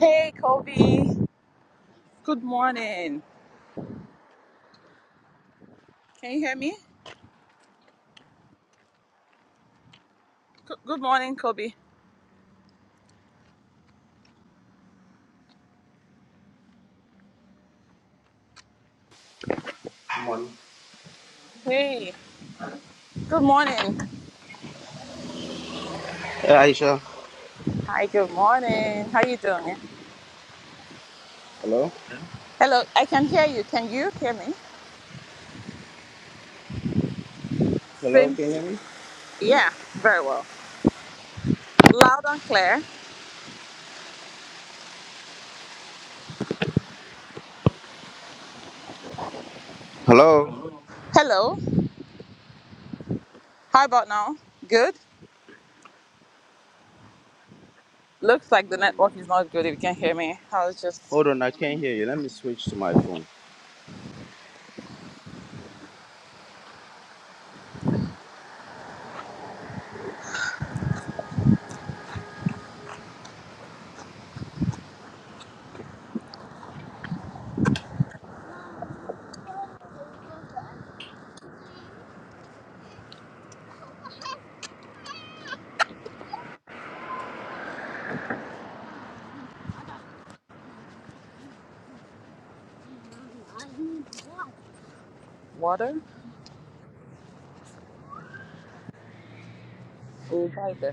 Hey, Kobe. Good morning. Can you hear me? Good good morning, Kobe. Come on. Hey. Good morning. Hey, Aisha. Hi. Good morning. How you doing? Hello? Hello. I can hear you. Can you hear me? Hello, Same. can you hear me? Yeah. Very well. Loud and clear. Hello? Hello. How about now? Good. Looks like the network is not good. If you can hear me, I was just Hold on, I can't hear you. Let me switch to my phone. water. We'll the.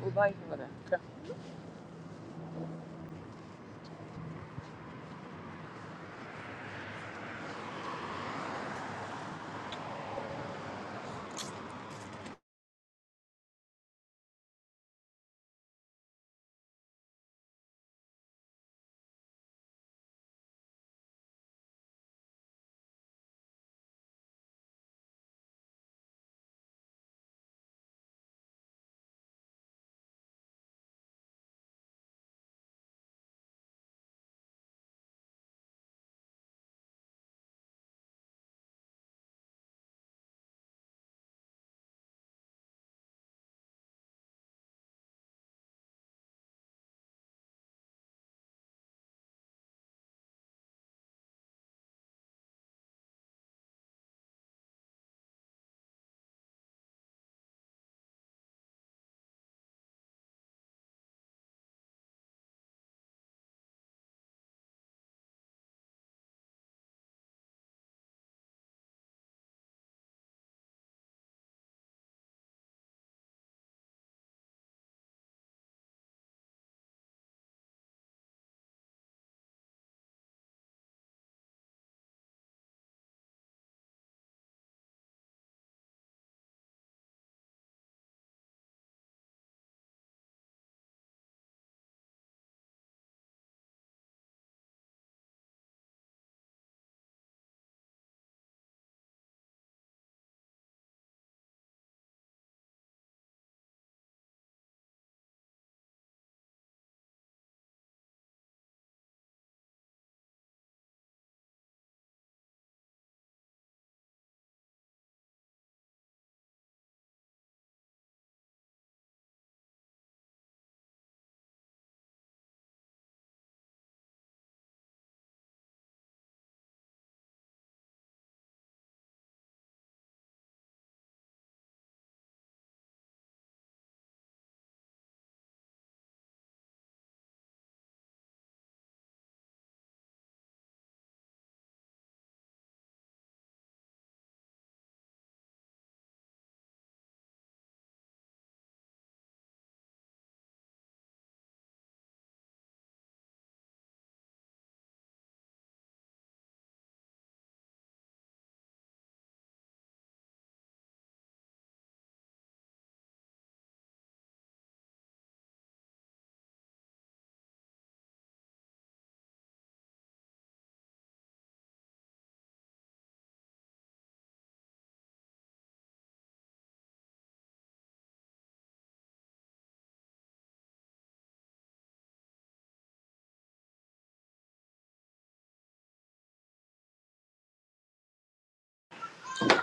We'll water. Okay.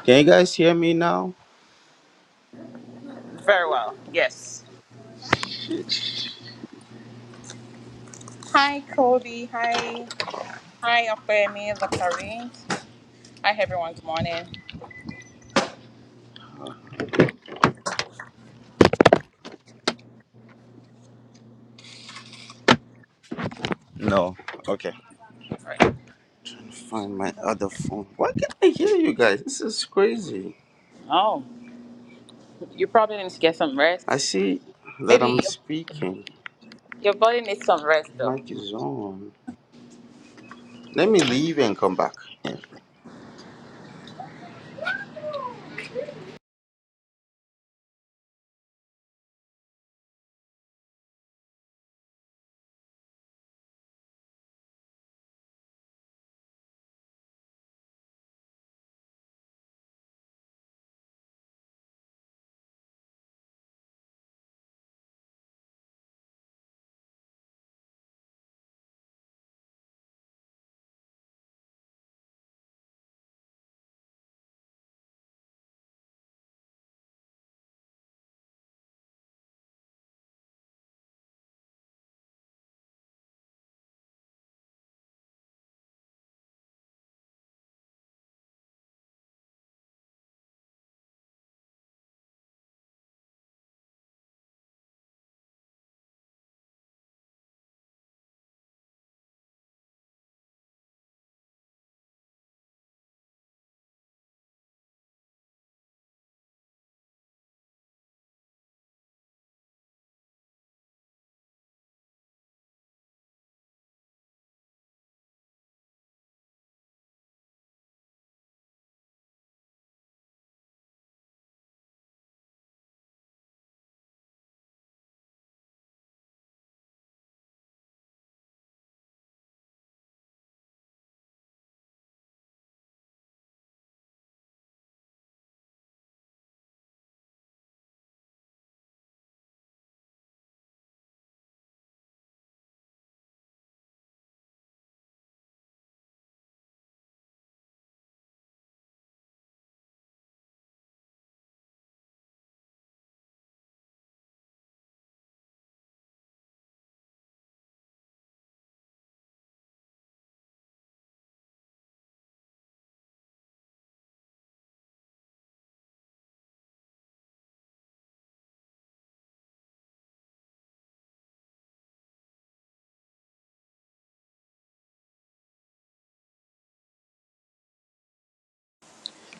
Can you guys hear me now? Very well. Yes. Hi, Cody. Hi, hi, Opemi, Zachary. Hi, everyone. Good morning. No. Okay. Right. trying to find my other phone. Why can't I hear you guys? This is crazy. Oh, you probably need to get some I rest. see that I'm Maybe your, speaking. your body needs some rest, though. Mic is on. Let me leave and come back. Yeah.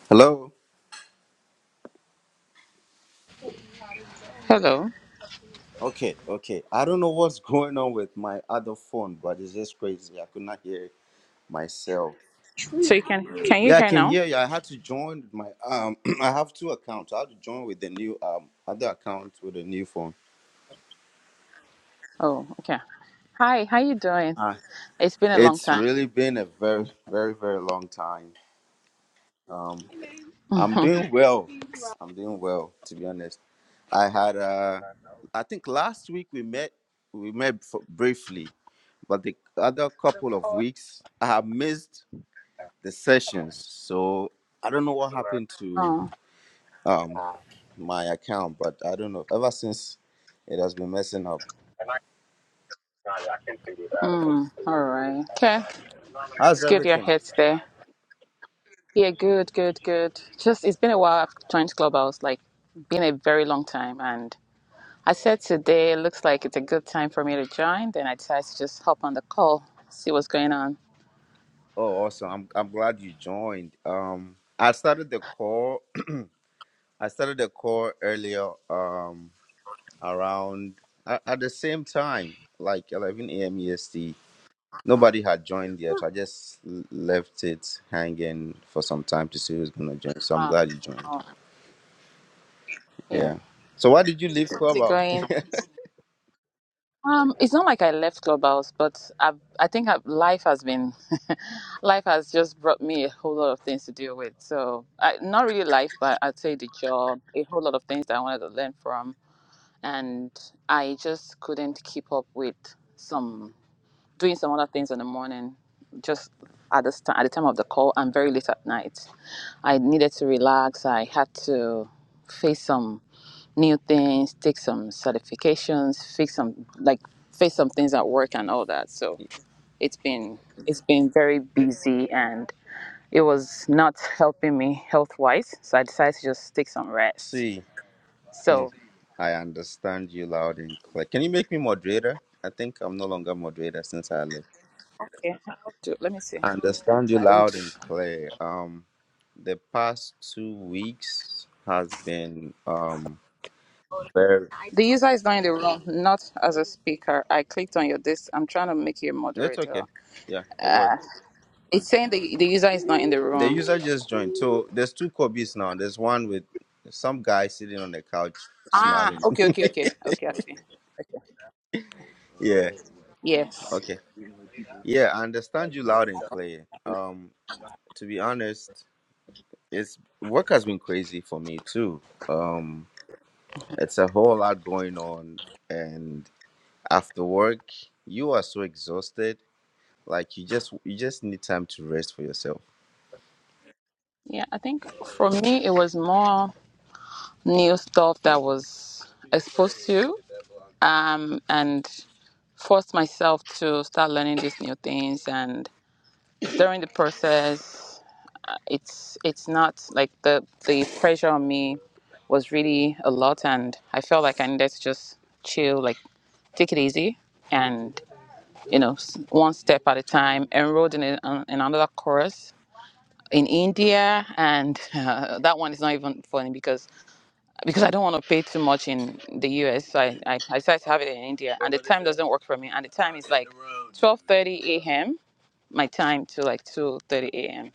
Hello. Hello. Okay, okay. I don't know what's going on with my other phone, but it's just crazy. I could not hear myself. So you can can you Yeah, I hear can now? hear you. I had to join with my um. I have two accounts. I had to join with the new um other account with a new phone. Oh, okay. Hi, how you doing? Uh, It's been a long it's time. really been a very, very, very long time. Um, I'm oh, doing well. I'm doing well, to be honest. I had uh, I think last week we met. We met f- briefly, but the other couple of weeks I have missed the sessions. So I don't know what happened to um my account, but I don't know. Ever since it has been messing up. mm, all right. Okay, How's it's good your everything? head's there. Yeah, good, good, good. Just it's been a while. I've joined Clubhouse, like been a very long time, and. I said today it looks like it's a good time for me to join. Then I decided to just hop on the call, see what's going on. Oh, awesome. I'm I'm glad you joined. Um I started the call I started the call earlier um around at, at the same time, like eleven AM EST. Nobody had joined yet. I just l- left it hanging for some time to see who's gonna join. So I'm Uh, glad you joined. uh, yeah, Yeah. So why did you leave how's it Clubhouse? going? Um, it's not like I left Clubhouse, but I've, I think I've, life has been, life has just brought me a whole lot of things to deal with. So I, not really life, but I'd say the job, a whole lot of things that I wanted to learn from, and I just couldn't keep up with some. doing some other things in the morning, just at this time, at the time of the call, and very late at night. I needed to relax. I had to face some new things, take some certifications, fix some like face some things at work and all that. So it's been it's been very busy and it was not helping me health wise. So I decided to just take some rest. see. Hmm, So I understand you loud and clear. Can you make me moderator? I think I'm no longer moderator since I left. yeah, how do- let me see. I Um, understand you I loud and don't. clear. Um, the past two weeks has been um very. The user is not in the room, not as a speaker. I clicked on your this. I'm trying to make you a It's moderator. okay. Yeah, it worked. It's saying the, the user is not in the The room. user just joined. So there's two Kobe's now. There's one with some guy sitting on the couch Ah, smiling. okay, okay, okay. Okay, I see. Okay. yeah. Yes. Okay. Yeah, I understand you loud and clear. Um, to be honest. it's work has been crazy for me too. Um, it's a whole lot going on, and after work, you are so exhausted. Like you just you just need time to rest for yourself. Yeah, I think for me, it was more new stuff that was exposed to um, and forced myself to start learning these new things. And during the process, it's it's not like the the pressure on me was really a lot and i felt like i needed to just chill like take it easy and you know s- one step at a time enrolled in, a, an- in another course in india and uh, that one is not even funny because because i don't want to pay too much in the us so i i, I decided to have it in india and the time doesn't work for me and the time is like 12:30 a.m my time to like 2:30 a.m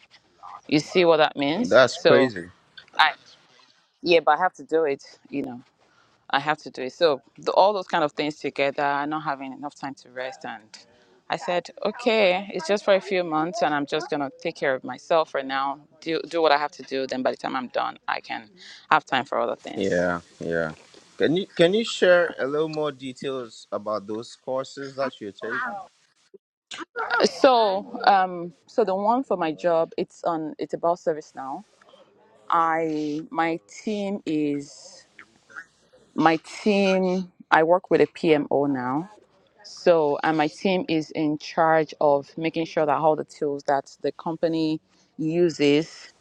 you see what that And means that's so crazy. I. yeah, but I have to do it. You know, I have to do it. So the, all those kind of things together, not having enough time to rest, and I said, okay, it's just for a few months, and I'm just gonna take care of myself for now. Do do what I have to do. Then by the time I'm done, I can have time for other things. Yeah, yeah. Can you can you share a little more details about those courses that you're taking? So, um, so the one for my job, it's on. It's about service now. I my team is my team. I work with a PMO now So, and my team is in charge of making sure that all the tools that the company uses,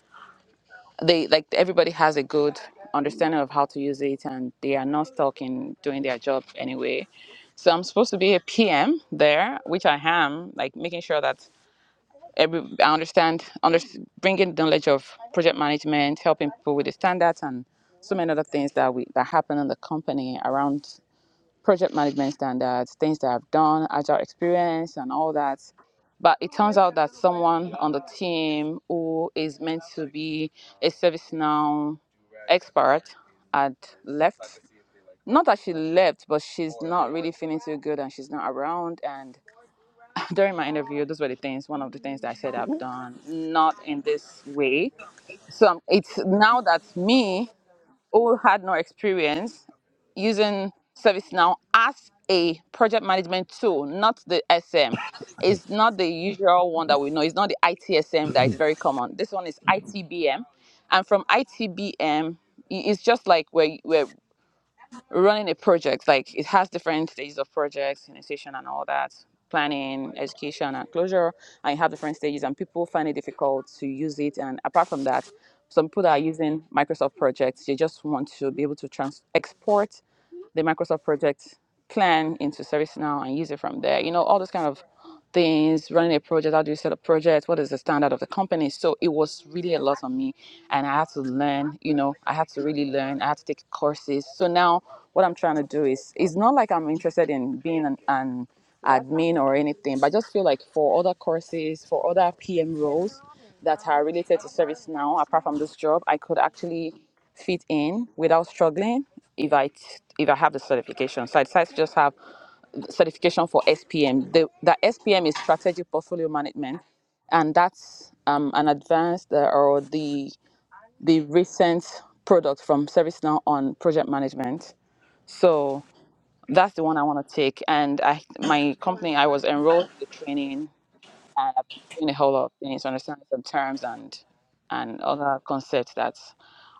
they like everybody has a good understanding of how to use it and they are not stuck in doing their job anyway. So, I'm supposed to be a PM there, which I am, like making sure that every I understand, under, bringing the knowledge of project management, helping people with the standards and so many other things that we that happen in the company around project management standards, things that I've done, agile experience, and all that. But it turns out that someone on the team who is meant to be a ServiceNow expert had left. Not that she left, but she's not really feeling too good and she's not around. And during my interview, those were the things, one of the things that I said I've done, not in this way. So um, it's now that's me who had no experience using ServiceNow as a project management tool, not the SM. It's not the usual one that we know. It's not the ITSM that is very common. This one is ITBM. And from ITBM, it's just like where where, running a project like it has different stages of projects initiation and all that planning education and closure and you have different stages and people find it difficult to use it and apart from that some people that are using microsoft projects they just want to be able to trans- export the Microsoft project plan into ServiceNow and use it from there. You know, all those kind of things, running a project, how do you set up projects, what is the standard of the company? So it was really a lot on me and I had to learn, you know, I had to really learn. I had to take courses. So now what I'm trying to do is it's not like I'm interested in being an, an admin or anything, but I just feel like for other courses, for other PM roles, that are related to ServiceNow, apart from this job, I could actually fit in without struggling if I if I have the certification. So I decided to just have the certification for SPM. The, the SPM is strategic portfolio management, and that's um, an advanced uh, or the the recent product from ServiceNow on project management. So that's the one I want to take. And I my company I was enrolled in the training and I've been doing a whole lot of things, understanding some terms and and other concepts that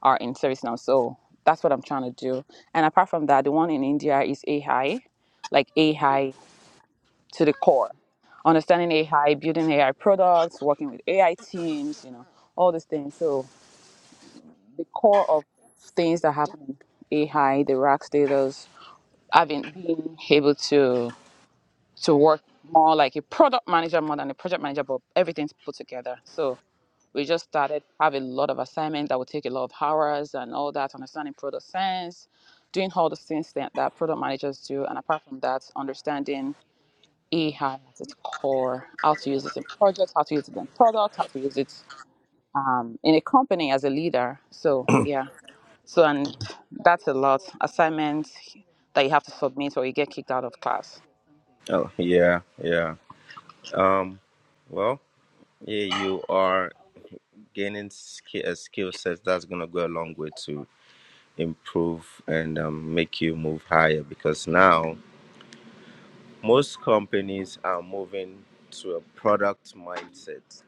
are in service now. So that's what I'm trying to do. And apart from that, the one in India is AI, like AI to the core. Understanding AI, building AI products, working with AI teams, you know, all these things. So the core of things that happen in AI, the rack status, having been being able to to work more like a product manager more than a project manager, but everything's put together. So we just started have a lot of assignments that would take a lot of hours and all that understanding product sense, doing all the things that, that product managers do and apart from that understanding ai at its core how to use it in projects how to use it in products how to use it um, in a company as a leader so yeah so and that's a lot assignments that you have to submit or you get kicked out of class Oh yeah, yeah. Um, well, yeah, you are gaining sk- a skill set that's gonna go a long way to improve and um, make you move higher because now most companies are moving to a product mindset.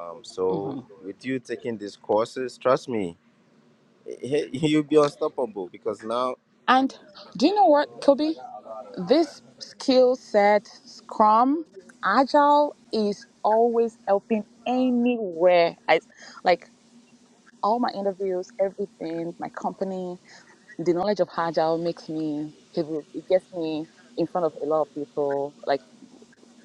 Um, so hmm with you taking these courses, trust me, you'll be unstoppable because now and do you know what kobe This skill set, Scrum, Agile, is always helping anywhere. I, like all my interviews, everything, my company, the knowledge of Agile makes me, it gets me in front of a lot of people. Like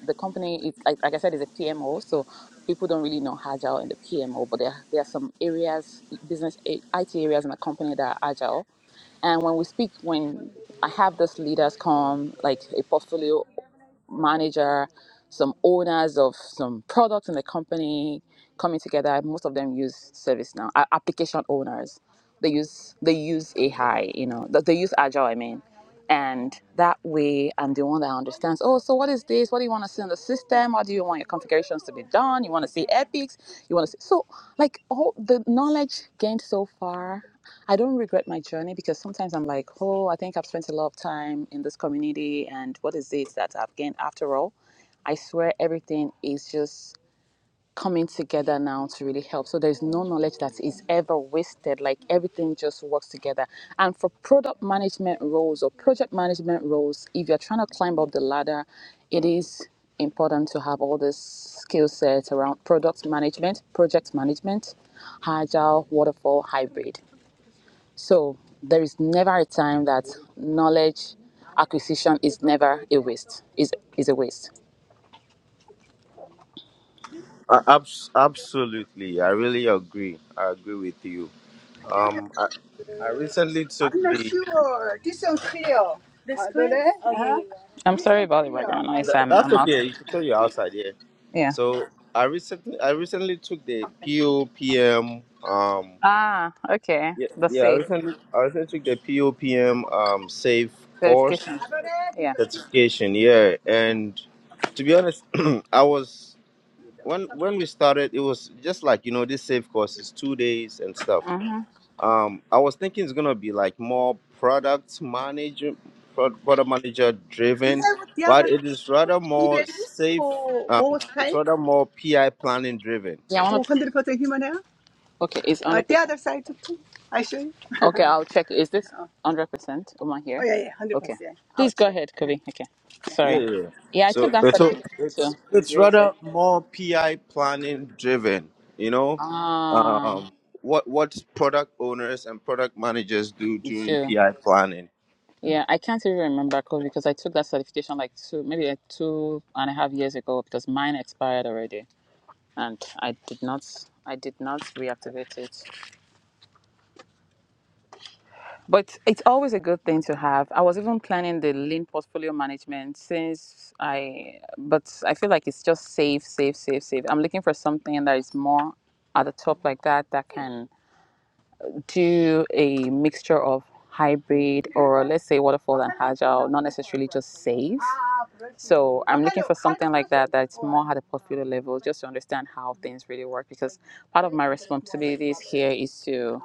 the company is, like, like I said, is a PMO, so people don't really know Agile in the PMO, but there, there are some areas, business, IT areas in the company that are Agile. And when we speak, when I have these leaders come, like a portfolio manager, some owners of some products in the company coming together. Most of them use ServiceNow. A- Application owners, they use they use AI. You know, that they use Agile. I mean, and that way, I'm the one that understands. Oh, so what is this? What do you want to see in the system? How do you want your configurations to be done? You want to see epics? You want to see so like all the knowledge gained so far. I don't regret my journey because sometimes I'm like, oh, I think I've spent a lot of time in this community, and what is it that I've gained after all? I swear everything is just coming together now to really help. So there's no knowledge that is ever wasted. Like everything just works together. And for product management roles or project management roles, if you're trying to climb up the ladder, it is important to have all this skill sets around product management, project management, agile, waterfall, hybrid. So there is never a time that knowledge acquisition is never a waste. Is is a waste. Uh, abs- absolutely. I really agree. I agree with you. Um, I, I recently took I'm the. not sure. This one's clear. This uh, clear? Uh-huh. I'm sorry about the background noise. Th- I'm that's I'm okay. outside. You can tell you outside. Yeah. Yeah. So I recently I recently took the POPM um Ah, okay. yeah, The yeah I safe recently I recently took the POPM um safe course verification. Adore, Yeah. one kiss. certification yeah and to be honest I was when when we started it was just like you know this safe course is two days and stuff Mm-hmm. um I was thinking it's gonna be like more product manager pro- product manager Do You driven have the but other it is rather baby more safe for um both it's sides? rather more PI planning driven Yeah. I want to. 100% human hair? Okay, it's Uh, 100%. the one hundred percent. other side too. I show you. Okay, I'll check. Is this Oh, 100% Uma oh here? yeah, yeah, hundred Okay. percent. I'll Please go check. ahead, Kobe. Okay. Yeah, Sorry. Yeah, hundred yeah. yeah. percent. Yeah, I So, took that then, then, so certification it's too. It's it's really good. rather more PI planning driven. You know, Ah, um, what what product owners and product managers do me during too. PI planning. Yeah, I can't even remember Kobe because I took that certification like two, maybe like two and a half years ago because mine expired already and I did not, I did not reactivate it. But it's always a good thing to have. I was even planning the lean portfolio management since I, but I feel like it's just safe, safe, safe, safe. I'm looking for something that is more at the top like that that can do a mixture of hybrid or let's say waterfall and agile, not necessarily just safe. So I'm looking for something like that that's more at a portfolio level, just to understand how things really work. Because part of my responsibilities here is to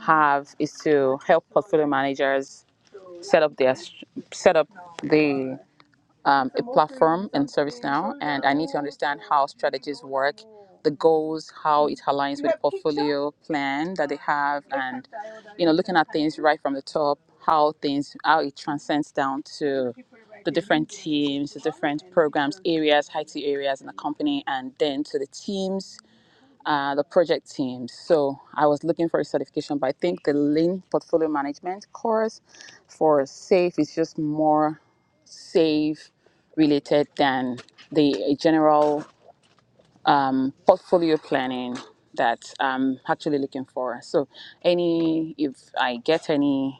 have is to help portfolio managers set up their set up the um, a platform in ServiceNow, and I need to understand how strategies work, the goals, how it aligns with the portfolio plan that they have, and you know, looking at things right from the top, how things how it transcends down to the different teams, the different programs, areas, IT areas in the company, and then to the teams uh, the project team. So I was looking for a certification, but I think the Lean Portfolio Management course for SAFE is just more SAFE related than the general um, portfolio planning that I'm actually looking for. So any, if I get any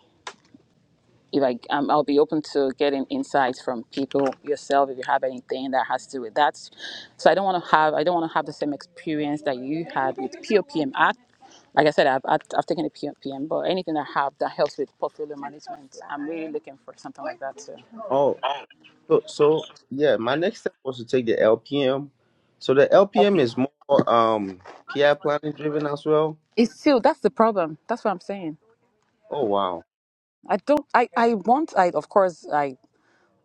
if I, um, I'll be open to getting insights from people yourself if you have anything that has to do with that. So I don't want to have, I don't want to have the same experience that you had with POPM. I, like I said, I've, I've, I've taken a POPM, but anything I have that helps with portfolio management, I'm really looking for something like that too. Oh, so so yeah. My next step was to take the LPM. So the LPM is more um PI planning driven as well. It's still, that's the problem. That's what I'm saying. Oh wow. I don't, I, I want, I, of course, I.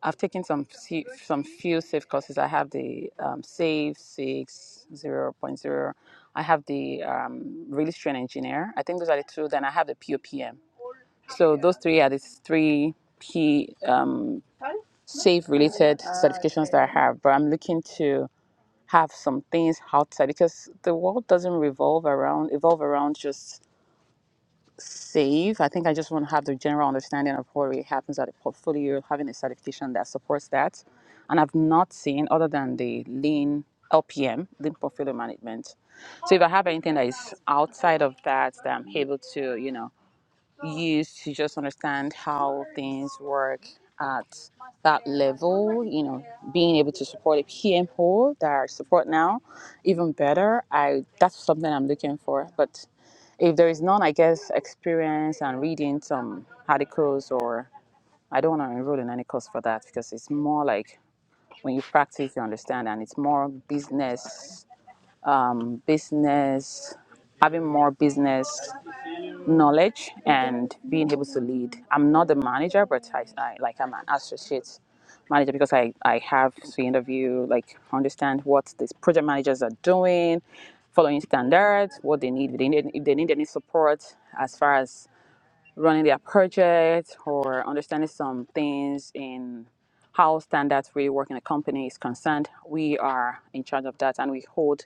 I've taken some se- some few safe courses. I have the um, Save Six Zero Point Zero. I have the um, Registry Engineer. I think those are the two. Then I have the POPM. So those three are the three P um, safe related certifications that I have. But I'm looking to have some things outside because the world doesn't revolve around evolve around just save. I think I just want to have the general understanding of what really happens at a portfolio, having a certification that supports that. And I've not seen other than the lean LPM, lean portfolio management. So if I have anything that is outside of that that I'm able to, you know, use to just understand how things work at that level, you know, being able to support a PMO that I support now even better. I that's something I'm looking for. But if there is none, I guess experience and reading some articles or I don't want to enroll in any course for that because it's more like when you practice, you understand, and it's more business, business, having more business knowledge and being able to lead. I'm not the manager, but I, I like I'm an associate manager because I, I have to interview, like understand what these project managers are doing, following standards, what they need, if they need, if they need any support as far as running their project or understanding some things in how standards really work in a company is concerned, we are in charge of that and we hold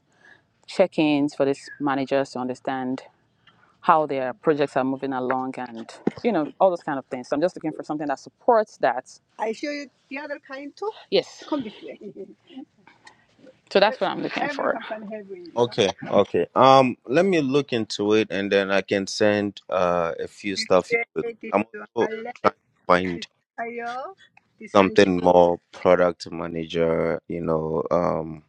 check ins for these managers to understand how their projects are moving along and you know all those kind of things. So I'm just looking for something that supports that. I show you the other kind too. Yes. Come this way. So that's what I'm looking Every for. company have it, you know. Okay, okay. Um, let me look into it and then I can send uh a few stuff here because I'm This also one, trying to left. find Ayo. This one something more product manager, you know, um,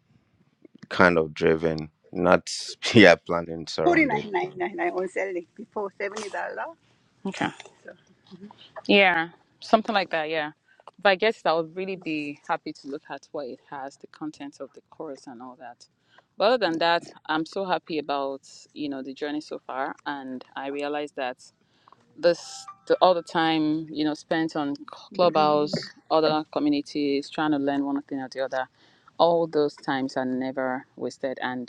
kind of driven, not yeah, planning Forty surrounded. nine nine nine nine on Saturday before seventy dollar. Okay. So Yeah, something like that. Yeah, but I guess I would really be happy to look at what it has, the contents of the course, and all that. But other than that, I'm so happy about you know the journey so far, and I realize that this the, all the time you know spent on clubhouse, other communities, trying to learn one thing or the other, all those times are never wasted, and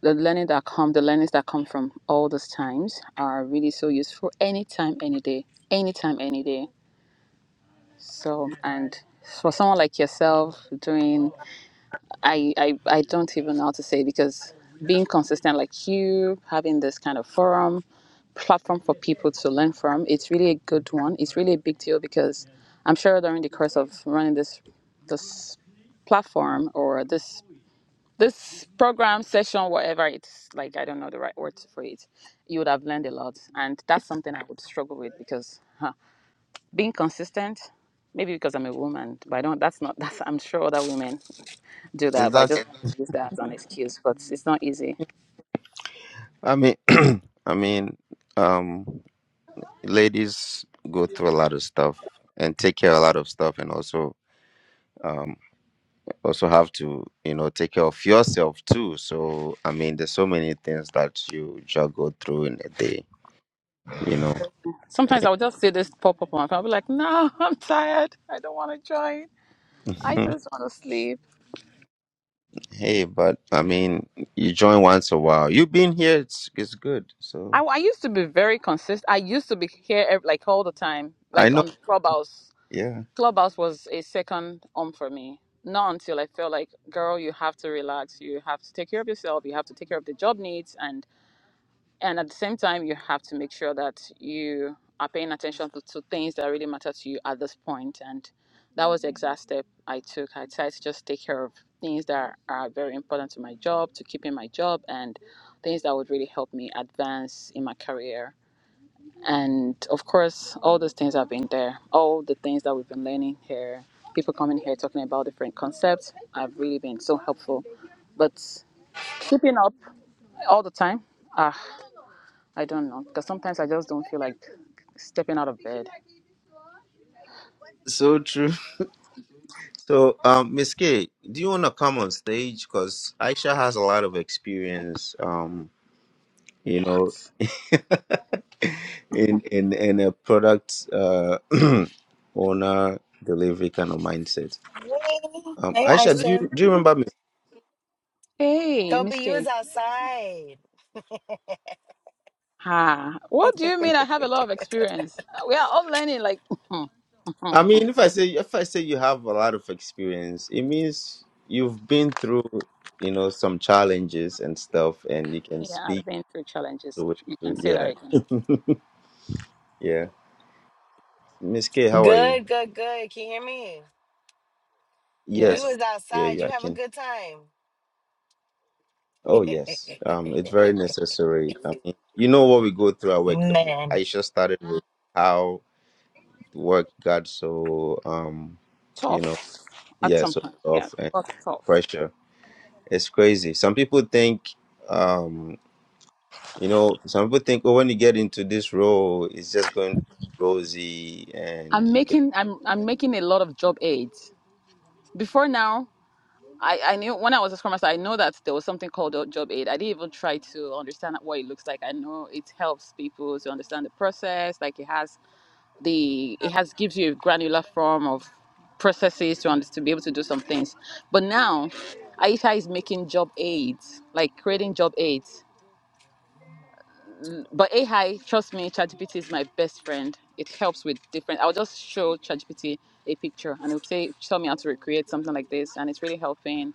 the learning that come the learnings that come from all those times are really so useful anytime any day anytime any day so and for someone like yourself doing i i, I don't even know how to say because being consistent like you having this kind of forum platform for people to learn from it's really a good one it's really a big deal because i'm sure during the course of running this this platform or this this program session whatever it's like i don't know the right word for it you would have learned a lot and that's something i would struggle with because huh, being consistent maybe because i'm a woman but i don't that's not that's i'm sure other women do Is that but i that? just use that as an excuse but it's not easy I mean, I mean, um, ladies go through a lot of stuff and take care of a lot of stuff, and also, um, also have to, you know, take care of yourself too. So, I mean, there's so many things that you juggle through in a day, you know. sometimes i'll just see this pop up on my i'll be like no i'm tired i don't want to join i just want to sleep Hey, but I mean, you join once a while. You've been here, it's it's good. I, So I used to be very consistent i used to be here ev- like all the time I like know. on clubhouse Yeah. Clubhouse was a second home for me. Not until I felt like, girl, you have to relax. You have to take care of yourself. You have to take care of the job needs, and and at the same time, you have to make sure that you are paying attention to, to things that really matter to you at this point. And that was the exact step I took. I decided to just take care of things that are very important to my job, to keeping my job, and things that would really help me advance in my career. And of course, all those things have been there. All the things that we've been learning here, people coming here talking about different concepts have really been so helpful. But keeping up all the time, ah, I don't know. Because sometimes I just don't feel like stepping out of bed. So true. So um Miss K, do you wanna come on stage? Because Aisha has a lot of experience, um, you know, What? in in in a product uh owner delivery kind of mindset. Hey, Um hey, Aisha, do you Aisha. do you remember Hey, Kobe, Miss you was K. outside. Ah, what do you mean I have a lot of experience? We are all learning, like, yeah, I mean, if I say if I say you have a lot of experience, it means you've been through, you know, some challenges and stuff, and you can speak I've been through challenges. to it. You can So say yeah, that again. yeah. Miss K, how are you? Good, good, good. Can you hear me? You Yes, Yes, was yeah, outside. yeah. You I have a can. good time. Oh yes. Um, it's very necessary. I mean, you know what we go through at work. Um, Man. I just started with how work got so um, you know, tough at yeah, some so point. Yeah, tough and tough, tough. pressure. It's crazy. Some people think um You know, some people think, oh, when you get into this role, it's just going to be rosy and I'm you can. making I'm I'm making a lot of job aids. Before now, I, I knew when I was a scrum master, I know that there was something called a job aid. I didn't even try to understand what it looks like. I know it helps people to understand the process. Like it has the it has gives you a granular form of processes to under, to be able to do some things. But now, Aisha is making job aids, like creating job aids. But AI, trust me, ChatGPT is my best friend. It helps with different. I'll just show ChatGPT a picture and it'll say, tell me how to recreate something like this. And it's really helping.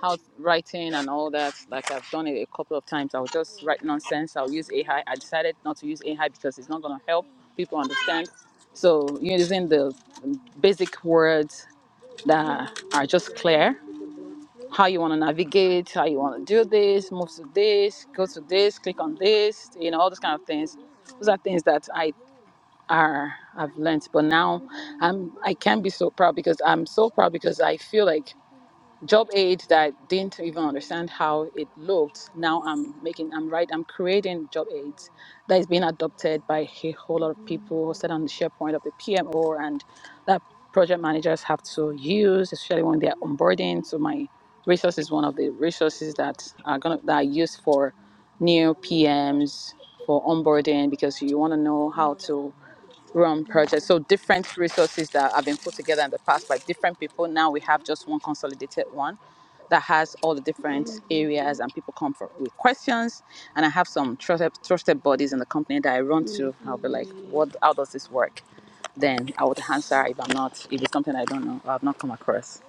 How writing and all that. Like I've done it a couple of times. I'll just write nonsense. I'll use AI. I I decided not to use AI because it's not going to help people understand. So using the basic words that are just clear how you want to navigate, how you want to do this, move to this, go to this, click on this, you know, all those kind of things. Those are things that I are I've learned. But now I'm I can be so proud because I'm so proud because I feel like job aid that I didn't even understand how it looked. Now I'm making, I'm right, I'm creating job aids that is being adopted by a whole lot of people hosted on the SharePoint of the PMO and that project managers have to use, especially when they're onboarding. So my resource is one of the resources that are gonna that are used for new PMs for onboarding because you want to know how to Rum project. So different resources that have been put together in the past by different people. Now we have just one consolidated one that has all the different areas and people come for with questions. And I have some trusted, trusted bodies in the company that I run to. I'll be like, what? How does this work? Then I would answer if I'm not if it's something I don't know or I've not come across.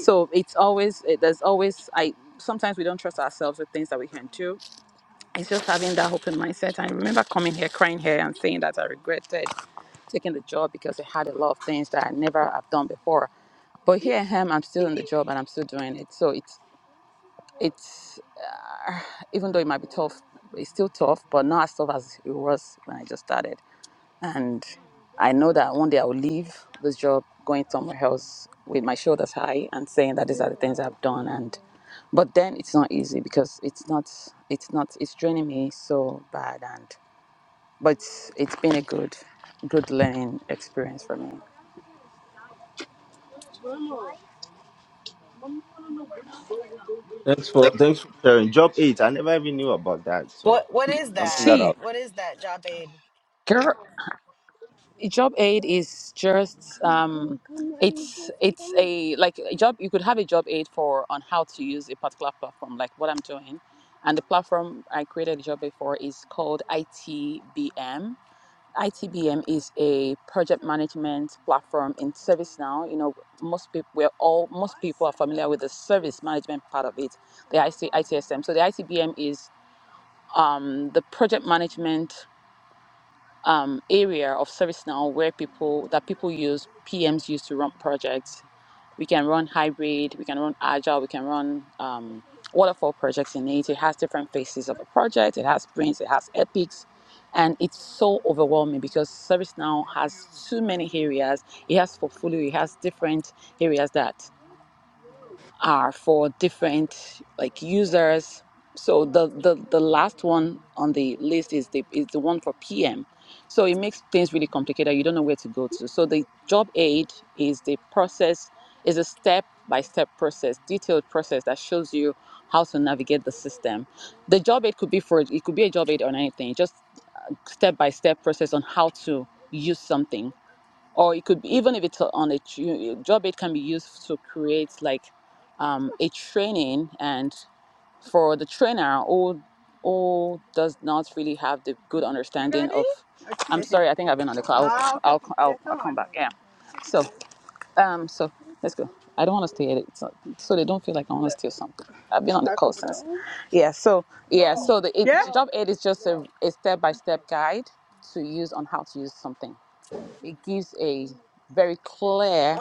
So it's always it, there's always I sometimes we don't trust ourselves with things that we can do it's just having that open mindset. I remember coming here, crying here, and saying that I regretted taking the job because it had a lot of things that I never have done before. But here I am. I'm still in the job and I'm still doing it. So it's it's even though it might be tough, it's still tough, but not as tough as it was when I just started. And I know that one day I will leave this job, going somewhere else with my shoulders high and saying that these are the things I've done. And but then it's not easy because it's not it's not it's draining me so bad. and but it's been a good, good learning experience for me. Thanks for thanks for sharing. Job eight, I never even knew about that. So What what is something that? that I. See, What is that, job aid? girl, job aid is just um, it's it's a like a job. You could have a job aid for on how to use a particular platform, like what I'm doing, and the platform I created a job aid for is called ITBM. ITBM is a project management platform in ServiceNow. You know, most people we're all most people are familiar with the service management part of it, the IC, ITSM. So the ITBM is um, the project management um, area of ServiceNow where people that people use PMs use to run projects. We can run hybrid, we can run agile, we can run um, waterfall projects in it. It has different phases of a project. It has sprints, it has epics, and it's so overwhelming because ServiceNow has too many areas. It has portfolio, it has different areas that are for different like users. So the, the the last one on the list is the is the one for PM. So it makes things really complicated. You don't know where to go to. So the job aid is the process is a step by step process, detailed process that shows you how to navigate the system. The job aid could be for it could be a job aid on anything, just step by step process on how to use something or it could be, even if it's on a tu- job it can be used to create like um, a training and for the trainer who who does not really have the good understanding of i'm sorry i think i've been on the call. i'll i'll, I'll, I'll come back yeah so um so let's go i don't want to stay at it so, so they don't feel like i want to steal something i've been on the call since yeah so yeah so the it, job aid is just a, a step-by-step guide to use on how to use something it gives a very clear,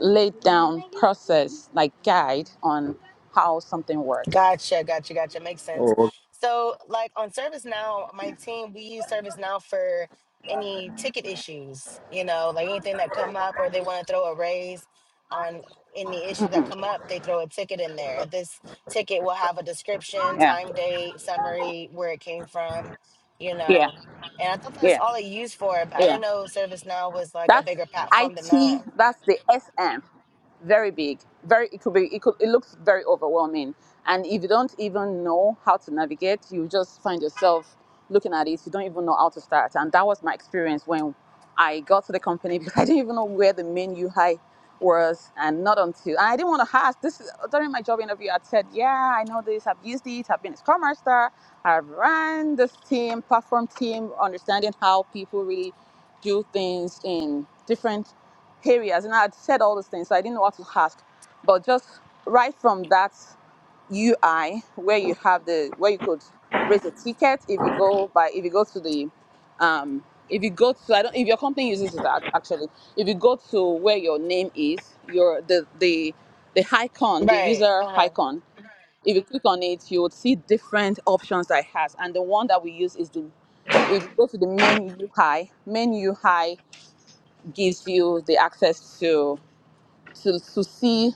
laid down process, like guide on how something works. Gotcha, gotcha, gotcha. Makes sense. Oh, So, like on ServiceNow, my team we use ServiceNow for any ticket issues. You know, like anything that come up, or they want to throw a raise on any issues that Mm-mm. come up, they throw a ticket in there. This ticket will have a description, Yeah, time, date, summary, where it came from. You yeah, know, and I thought that's yeah, all it used for, but I yeah. didn't know ServiceNow was like a That's bigger platform than that. IT. That's the SM. very big very it could be it, could, it looks very overwhelming and if you don't even know how to navigate you just find yourself looking at it you don't even know how to start and that was my experience when i got to the company because i didn't even know where the main ui was and not until and i didn't want to ask this is- during my job interview i said yeah i know this i've used it i've been a scrum master i've ran this team platform team understanding how people really do things in different areas. And I had said all these things, so I didn't know what to ask. But just right from that UI where you have the where you could raise a ticket if you go by if you go to the um if you go to I don't if your company uses it ac- actually if you go to where your name is your the the the icon the Right. user Uh icon if you click on it you would see different options that it has and the one that we use is the if you go to the main UI main UI gives you the access to to, to see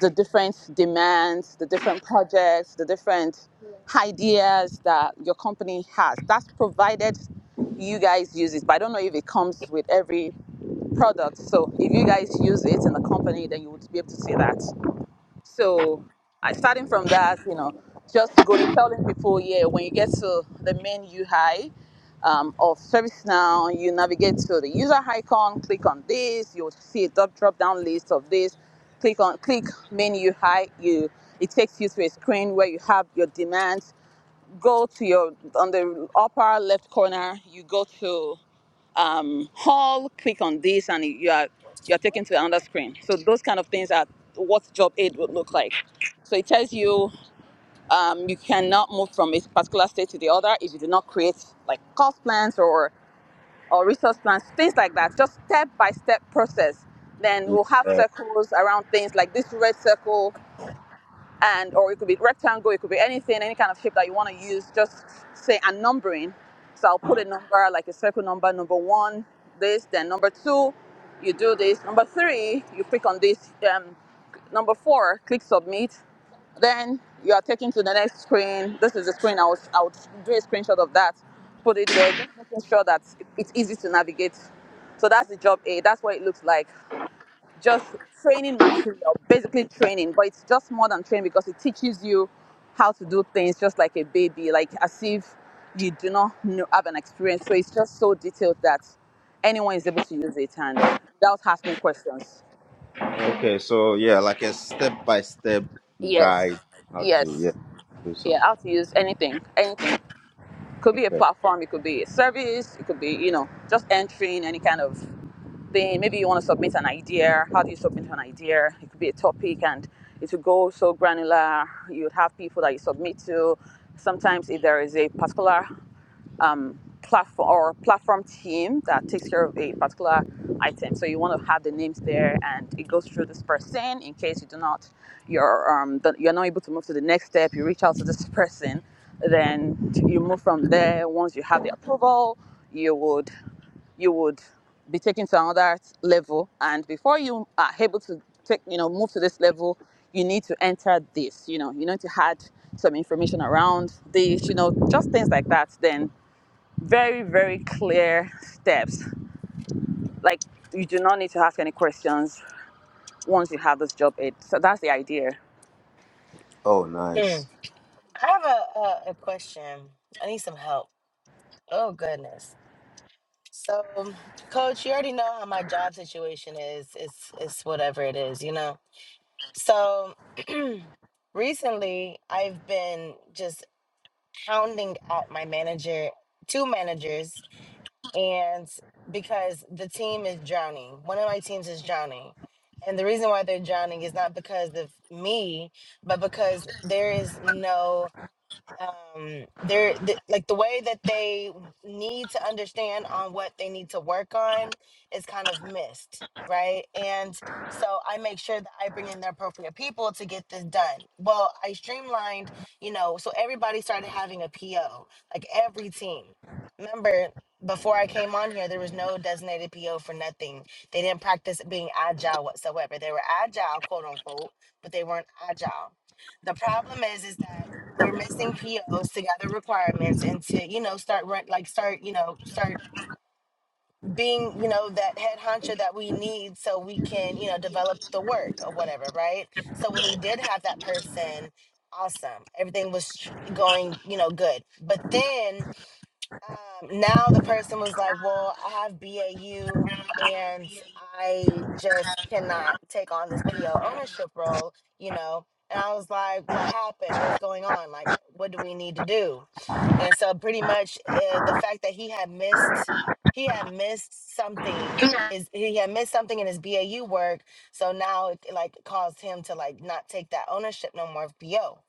the different demands, the different projects, the different ideas that your company has. That's provided you guys use it, but I don't know if it comes with every product. So if you guys use it in the company, then you would be able to see that. So I starting from that, you know, just going telling people, yeah, when you get to the main UI um, of ServiceNow, you navigate to the user icon, click on this, you'll see a drop drop down list of this. Click on click main UI, you it takes you to a screen where you have your demands. Go to your on the upper left corner, you go to um, hall, click on this, and you are you are taken to another screen. So those kind of things are what job aid would look like. So it tells you um, you cannot move from a particular state to the other if you do not create like cost plans or or resource plans, things like that. Just step by step process. Then okay. we'll have Yeah. circles around things like this red circle and or it could be rectangle, it could be anything, any kind of shape that you want to use. Just say a numbering. So I'll put a number like a circle number, number one, this, then number two, you do this. Number three, you click on this. Um, number four, click submit. Then you are taken to the next screen. This is the screen. I would, I would do a screenshot of that, put it there, just making sure that it's easy to navigate. So that's the job A. That's what it looks like just training material, basically training, but it's just more than training because it teaches you how to do things just like a baby, like as if you do not know, have an experience. So it's just so detailed that anyone is able to use it and without asking questions. Okay, so yeah, like a step by step Yes, guide how to yeah yes, do yeah, something. how to use anything, anything. Could be a Okay. platform, it could be a service, it could be, you know, just entering any kind of then maybe you want to submit an idea. How do you submit an idea? It could be a topic and it would go so granular. You'd have people that you submit to. Sometimes, if there is a particular um, platform or platform team that takes care of a particular item. So you want to have the names there, and it goes through this person in case you do not, you're um, you're not able to move to the next step. You reach out to this person, then you move from there. Once you have the approval, you would you would be taken to another level. And before you are able to take, you know, move to this level, you need to enter this. You know, you need to add some information around this. You know, just things like that. Then very very clear steps like you do not need to ask any questions once you have this job aid so that's the idea Oh, huh. nice. I have a, a a question. I need some help. Oh goodness. So, coach, you already know how my job situation is. It's it's whatever it is, you know. So, recently I've been just hounding at my manager, two managers, and because the team is drowning. One of my teams is drowning. And the reason why they're drowning is not because of me, but because there is no um they're th- like the way that they need to understand on what they need to work on is kind of missed right and so i make sure that i bring in the appropriate people to get this done well i streamlined you know so everybody started having a po like every team remember before i came on here there was no designated po for nothing they didn't practice being agile whatsoever they were agile quote unquote but they weren't agile the problem is is that we're missing POs to gather requirements and to, you know, start run, like start, you know, start being, you know, that head hunter that we need so we can, you know, develop the work or whatever, right? So when we did have that person, awesome. Everything was tr- going, you know, good. But then um, now the person was like, "Well, I have BAU, and I just cannot take on this PO ownership role," you know. And I was like, "What happened? What's going on? Like, what do we need to do?" And so, pretty much, uh, the fact that he had missed. He had missed something. His he had missed something in his BAU work, so now it like caused him to like not take that ownership no more of PO.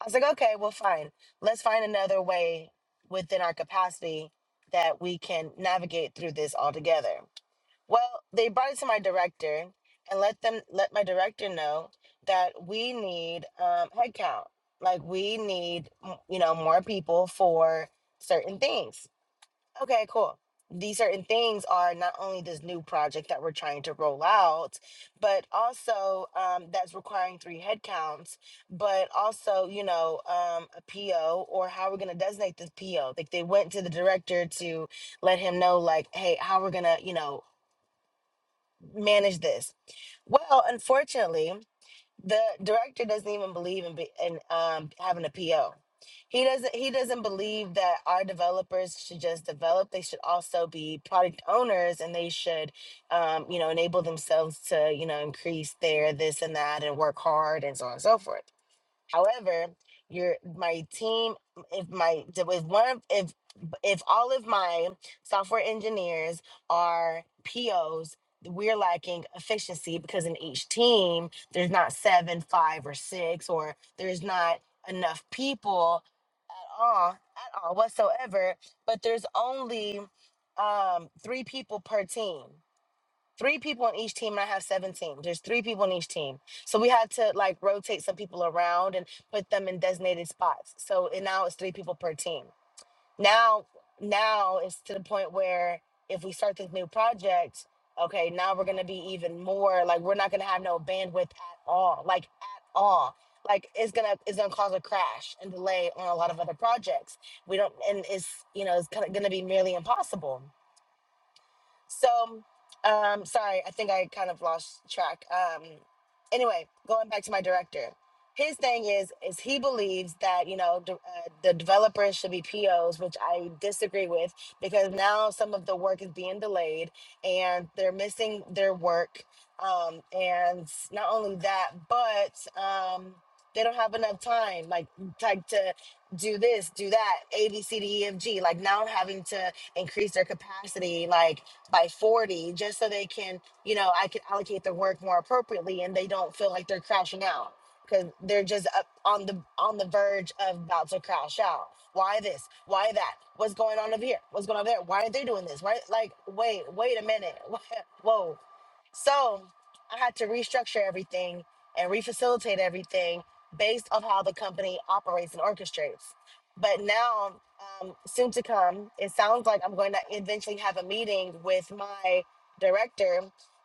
I was like, okay, well, fine. Let's find another way within our capacity that we can navigate through this all together. Well, they brought it to my director and let them let my director know that we need um, headcount, like we need m- you know more people for certain things. Okay, cool. These certain things are not only this new project that we're trying to roll out, but also um, that's requiring three headcounts, but also, you know, um, a PO or how we're going to designate this PO. Like they went to the director to let him know, like, hey, how we're going to, you know, manage this. Well, unfortunately, the director doesn't even believe in be, in um, having a PO. He doesn't he doesn't believe that our developers should just develop. They should also be product owners and they should um, you know enable themselves to you know increase their this and that and work hard and so on and so forth. However, your my team, if my if one of if if all of my software engineers are POs, we're lacking efficiency because in each team there's not seven, five, or six, or there's not enough people at all, at all whatsoever. But there's only um three people per team three people on each team and I have seven teams. There's three people on each team. So we had to like rotate some people around and put them in designated spots. So and now it's three people per team. Now now it's to the point where if we start this new project, okay, now we're gonna be even more like we're not gonna have no bandwidth at all. Like at all. Like it's gonna it's gonna cause a crash and delay on a lot of other projects. We don't and it's you know, it's kinda gonna be merely impossible. So, um, sorry, I think I kind of lost track. Um, anyway, going back to my director, his thing is is he believes that you know de- uh, the developers should be POs, which I disagree with because now some of the work is being delayed and they're missing their work. Um, and not only that, but um, they don't have enough time, like like to do this, do that, A B C D E F G. Like now having to increase their capacity, like by 40 just so they can, you know, I can allocate their work more appropriately and they don't feel like they're crashing out because they're just up on the on the verge of about to crash out. Why this? Why that? What's going on over here? What's going on over there? Why are they doing this? Right? Like, wait, wait a minute. Whoa. So I had to restructure everything and refacilitate everything based on how the company operates and orchestrates but now um, soon to come it sounds like i'm going to eventually have a meeting with my director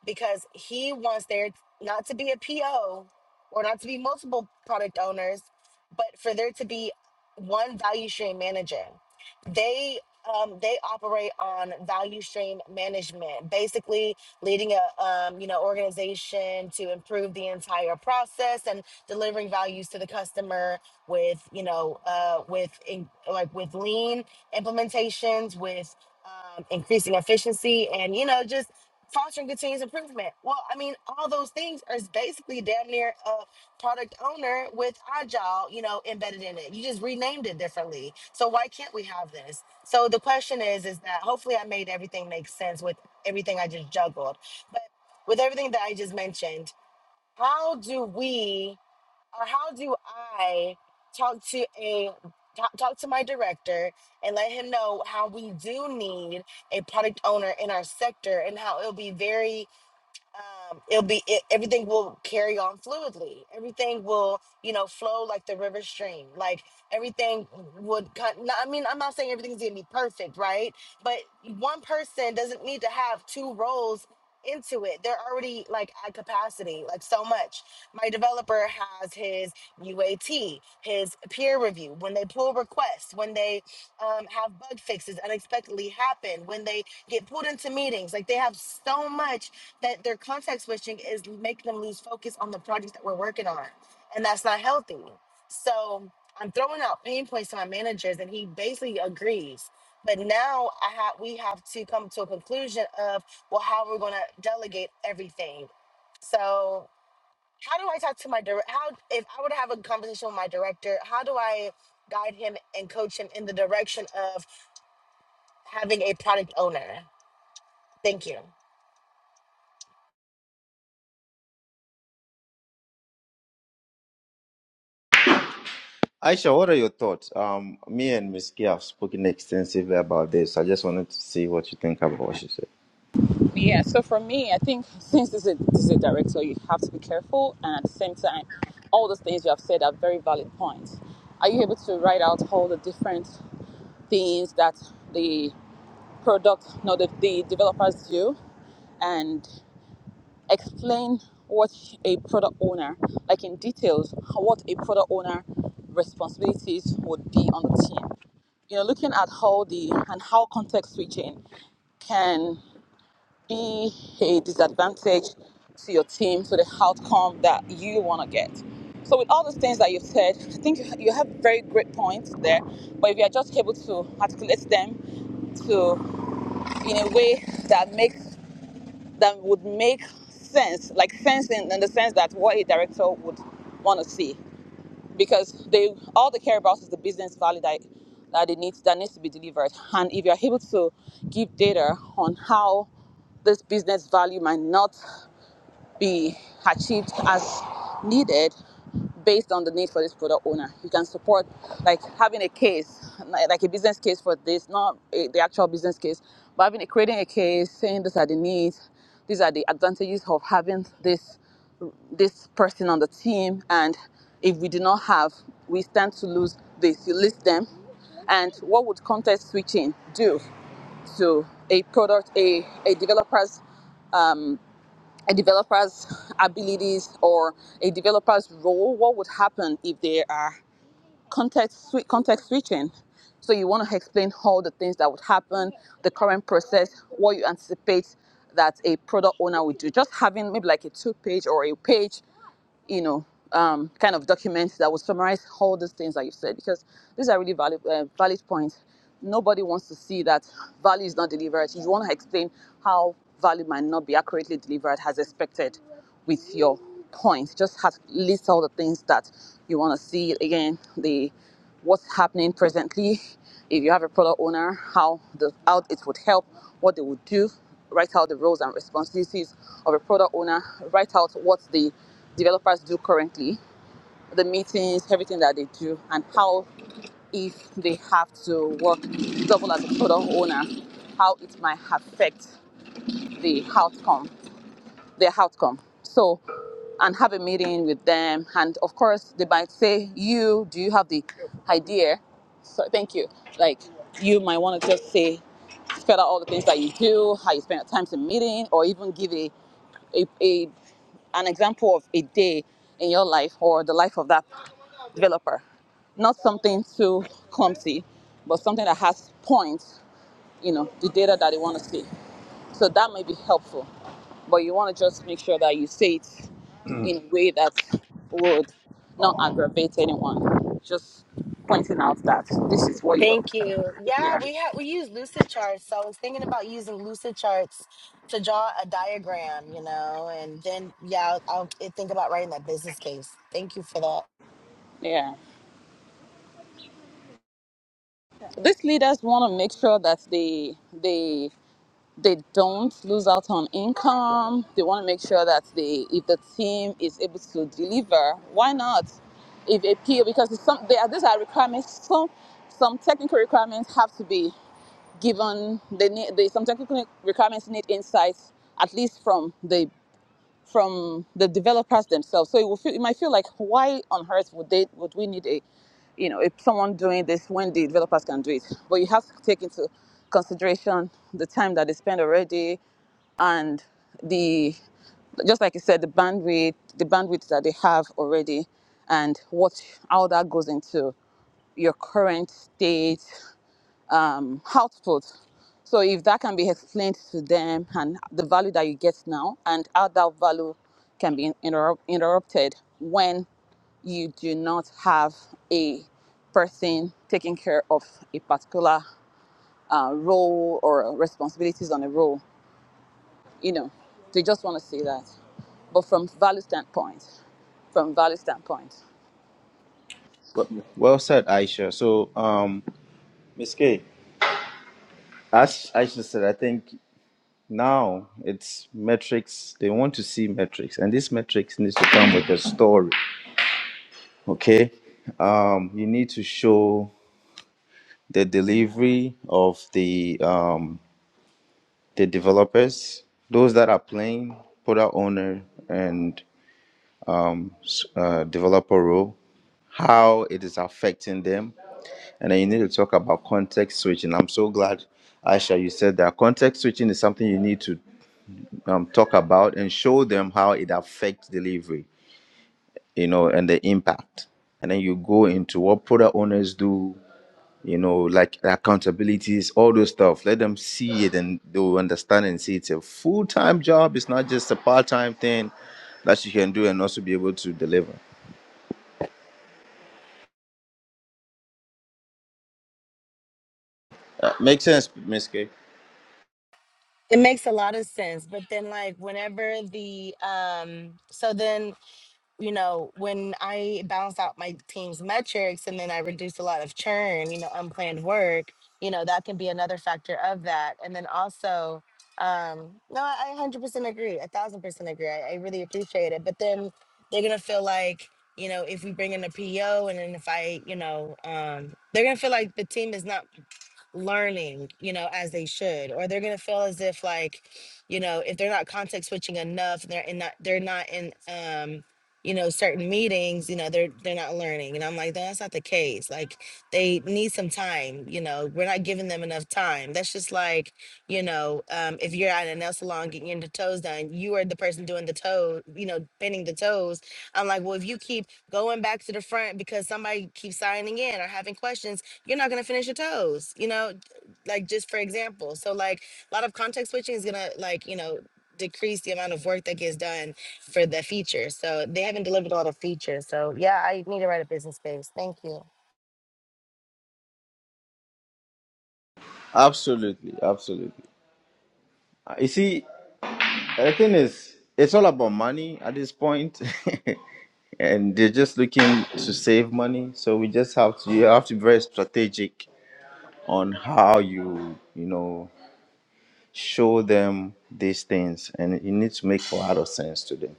because he wants there not to be a po or not to be multiple product owners but for there to be one value stream manager they um, they operate on value stream management basically leading a um, you know organization to improve the entire process and delivering values to the customer with you know uh, with in, like with lean implementations with um, increasing efficiency and you know just fostering continuous improvement well i mean all those things are basically damn near a product owner with agile you know embedded in it you just renamed it differently so why can't we have this so the question is is that hopefully i made everything make sense with everything i just juggled but with everything that i just mentioned how do we or how do I talk to a talk talk to my director and let him know how we do need a product owner in our sector and how it'll be very um, it'll be it, everything will carry on fluidly. Everything will you know flow like the river stream. Like everything would. cut- no, I mean, I'm not saying everything's gonna be perfect, right? But one person doesn't need to have two roles into it they're already like at capacity like so much my developer has his uat his peer review when they pull requests when they um, have bug fixes unexpectedly happen when they get pulled into meetings like they have so much that their context switching is making them lose focus on the projects that we're working on. And that's not healthy. So I'm throwing out pain points to my managers and he basically agrees. But now I have we have to come to a conclusion of well how we're gonna delegate everything. So how do I talk to my direct how if I were to have a conversation with my director, how do I guide him and coach him in the direction of having a product owner? Thank you. Aisha, what are your thoughts? Um, me and Miss Kia have spoken extensively about this. I just wanted to see what you think about what she said. yeah so for me i think since this is, this is a director you have to be careful and at the same time all those things you have said are very valid points are you able to write out all the different things that the product no the, the developers do and explain what a product owner, like in details, what a product owner responsibilities would be on the team. You know, looking at how the and how context switching can be a disadvantage to your team, to the outcome that you want to get. So, with all those things that you've said, I think you you have very great points there. But if you are just able to articulate them to in a way that makes that would make sense, like sense in, in the sense that what a director would want to see, because they all they care about is the business value that that it needs that needs to be delivered. And if you're able to give data on how this business value might not be achieved as needed based on the need for this product owner. You can support like having a case, like like a business case for this, not a, the actual business case, but having a, creating a case saying these are the needs, these are the advantages of having this this person on the team, and if we do not have, we stand to lose this. You list them, and what would context switching do to a product, a a developer's um, a developer's abilities or a developer's role what would happen if there are context context switching so you want to explain all the things that would happen the current process what you anticipate that a product owner would do just having maybe like a two page or a page you know, um, kind of document that would summarize all these things that you've said because these are really valid, uh, valid points. Nobody wants to see that value is not delivered. You want to explain how value might not be accurately delivered as expected with your points. Just has, list all the things that you want to see. Again, the what's happening presently, if you have a product owner, how the how it would help, what they would do, write out the roles and responsibilities of a product owner, write out what the developers do currently, the meetings, everything that they do, and how if they have to work double as a product owner, how it might affect the outcome their outcome. So, and have a meeting with them. And of course, they might say, "You, do you have the idea?" So, thank you. Like, you might want to just say, spell out all the things that you do, how you spend your time in meeting, or even give a, a, a an example of a day in your life or the life of that developer. Not something too clumsy, but something that has points. You know, the data that they want to see. So that might be helpful, but you want to just make sure that you say it in a way that would not aggravate anyone. Just pointing out that this is what you're. Thank you. Yeah, we have we use lucid charts. So I was thinking about using lucid charts to draw a diagram, you know, and then yeah, I'll, I'll think about writing that business case. Thank you for that. Yeah. These leaders want to make sure that they they they don't lose out on income. They want to make sure that they, if the team is able to deliver, why not? If a P O, because it's some there are these are requirements. Some some technical requirements have to be given. They need they, some technical requirements need insights at least from the from the developers themselves. So it will feel, it might feel like why on earth would they would we need a you know if someone doing this when the developers can do it? But you have to take into consideration the time that they spend already and the just like you said the bandwidth the bandwidth that they have already and what how that goes into your current state um, output. So if that can be explained to them and the value that you get now and how that value can be interrupt, interrupted when you do not have a person taking care of a particular uh, role or responsibilities on a role, you know, they just want to see that. But from value standpoint, from value standpoint, Well, well said, Aisha. So, um, Miss K. As Aisha said, I think now it's metrics. They want to see metrics, and this metrics needs to come with a story. Okay, um, you need to show the delivery of the um, the developers, those that are playing product owner and uh, developer role, how it is affecting them, and then you need to talk about context switching. I'm so glad, Aisha, you said that context switching is something you need to um, talk about and show them how it affects delivery, you know, and the impact. And then you go into what product owners do, you know, like accountabilities, all those stuff. Let them see it and they'll understand and see it's a full time job. It's not just a part time thing that you can do and also be able to deliver. Uh, makes sense, Miss K. It makes a lot of sense. But then like whenever the um so then you know, when I balance out my team's metrics and then I reduce a lot of churn, you know, unplanned work, you know, that can be another factor of that. And then also, um, no, I I 100% agree, a thousand percent agree. I, I really appreciate it. But then they're gonna feel like, you know, if we bring in a PO and then if I, you know, um, they're gonna feel like the team is not learning, you know, as they should, or they're gonna feel as if like, you know, if they're not context switching enough, they're in not they're not in um, you know, certain meetings, you know, they're they're not learning. And I'm like, no, that's not the case. Like they need some time, you know, we're not giving them enough time. That's just like, you know, um, if you're at a nail salon getting your toes done, you are the person doing the toe, you know, bending the toes. I'm like, well, if you keep going back to the front because somebody keeps signing in or having questions you're not gonna finish your toes, you know, like just for example. So like a lot of context switching is gonna like, you know, decrease the amount of work that gets done for the feature. So they haven't delivered all the features. So yeah, I need to write a business case. Thank you. Absolutely, absolutely. Uh, You see, the thing is, it's all about money at this point. and they're just looking to save money. So we just have to you have to be very strategic on how you you know show them these things, and it needs to make a lot of sense to them.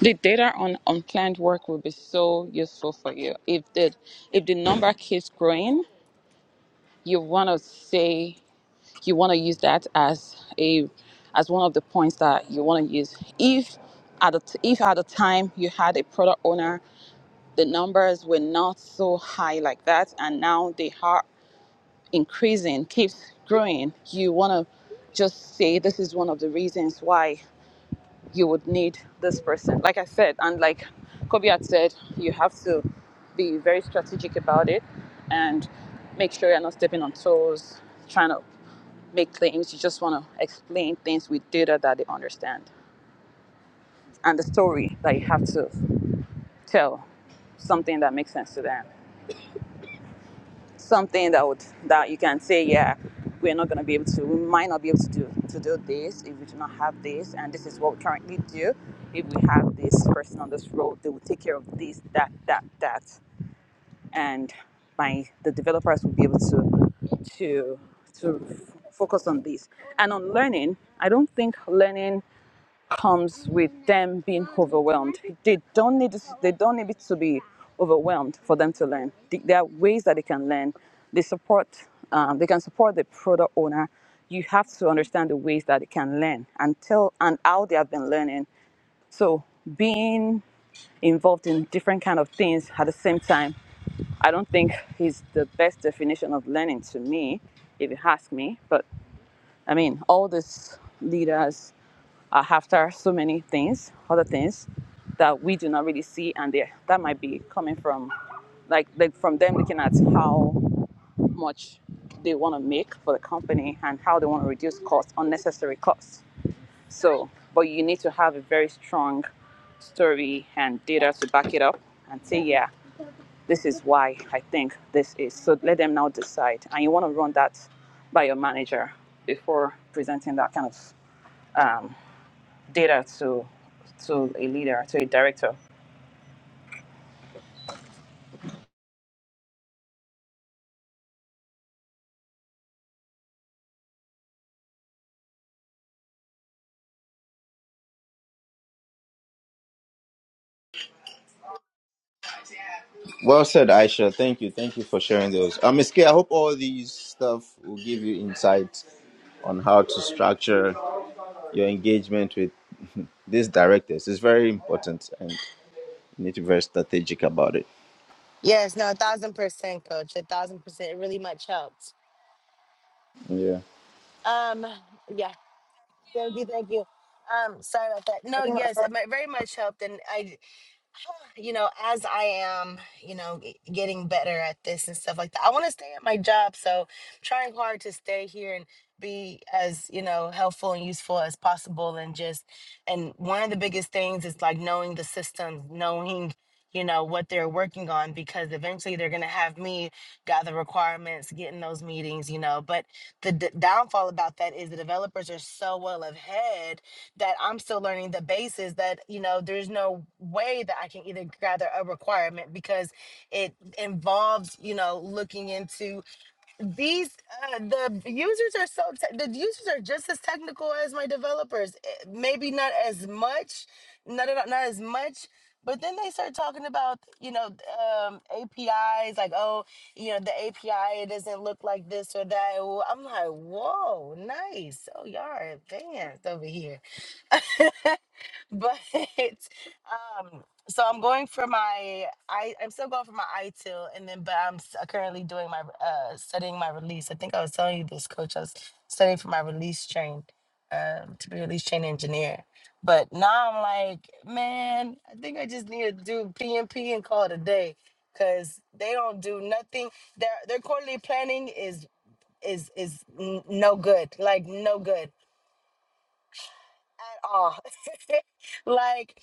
the data on unplanned work will be so useful for you. If the if the number keeps growing, you want to say you want to use that as a as one of the points that you want to use if at the t- if at the time you had a product owner the numbers were not so high like that and now they are increasing keeps growing you want to just say this is one of the reasons why you would need this person like i said and like kobe had said you have to be very strategic about it and make sure you're not stepping on toes trying to make claims. You just want to explain things with data that they understand and the story that you have to tell, something that makes sense to them, something that would that you can say, yeah, we're not going to be able to, we might not be able to do to do this if we do not have this, and this is what we currently do. If we have this person on this road, they will take care of this, that, that, that, and my the developers will be able to to to focus on this and on learning. I don't think learning. comes with them being overwhelmed. They don't need they don't need it to be overwhelmed for them to learn. There are ways that they can learn. They support um, they can support the product owner. You have to understand the ways that they can learn and tell and how they have been learning. So being involved in different kind of things at the same time, I don't think is the best definition of learning to me, if you ask me. But I mean, all these leaders are after so many things, other things that we do not really see, and they- that might be coming from, like, like from them looking at how much they want to make for the company and how they want to reduce costs, unnecessary costs. So, but you need to have a very strong story and data to back it up and say, yeah, this is why I think this is. So let them now decide. And you want to run that by your manager before presenting that kind of data to to a leader, to a director. Well said, Aisha. Thank you, thank you for sharing those. Um, Miss K, I hope all these stuff will give you insight on how to structure your engagement with these directors. It's very important, and you need to be very strategic about it. Yes, no, a thousand percent, coach. A thousand percent. It really much helped. Yeah. Um, yeah, thank you, thank you. Um, sorry about that. No, yes, it mi- very much helped. And I you know, as I am, you know, g- getting better at this and stuff like that, I want to stay at my job. So I'm trying hard to stay here and be as, you know, helpful and useful as possible. And just, and one of the biggest things is like knowing the systems, knowing, you know, what they're working on, because eventually they're going to have me gather requirements, get in those meetings, you know. But the d- downfall about that is the developers are so well ahead that I'm still learning the basis that you know there's no way that I can either gather a requirement because it involves you know looking into these uh, the users are so te- the users are just as technical as my developers Eh, maybe not as much not not, not as much but then they start talking about you know um, APIs like oh you know the API it doesn't look like this or that Well, I'm like whoa nice oh y'all are advanced over here but um so i'm going for my i i'm still going for my itil and then but i'm s- currently doing my uh studying my release i think i was telling you this coach i was studying for my release train um to be a release train engineer but now i'm like man i think i just need to do pmp and call it a day because they don't do nothing their their quarterly planning is is is n- no good like no good at all like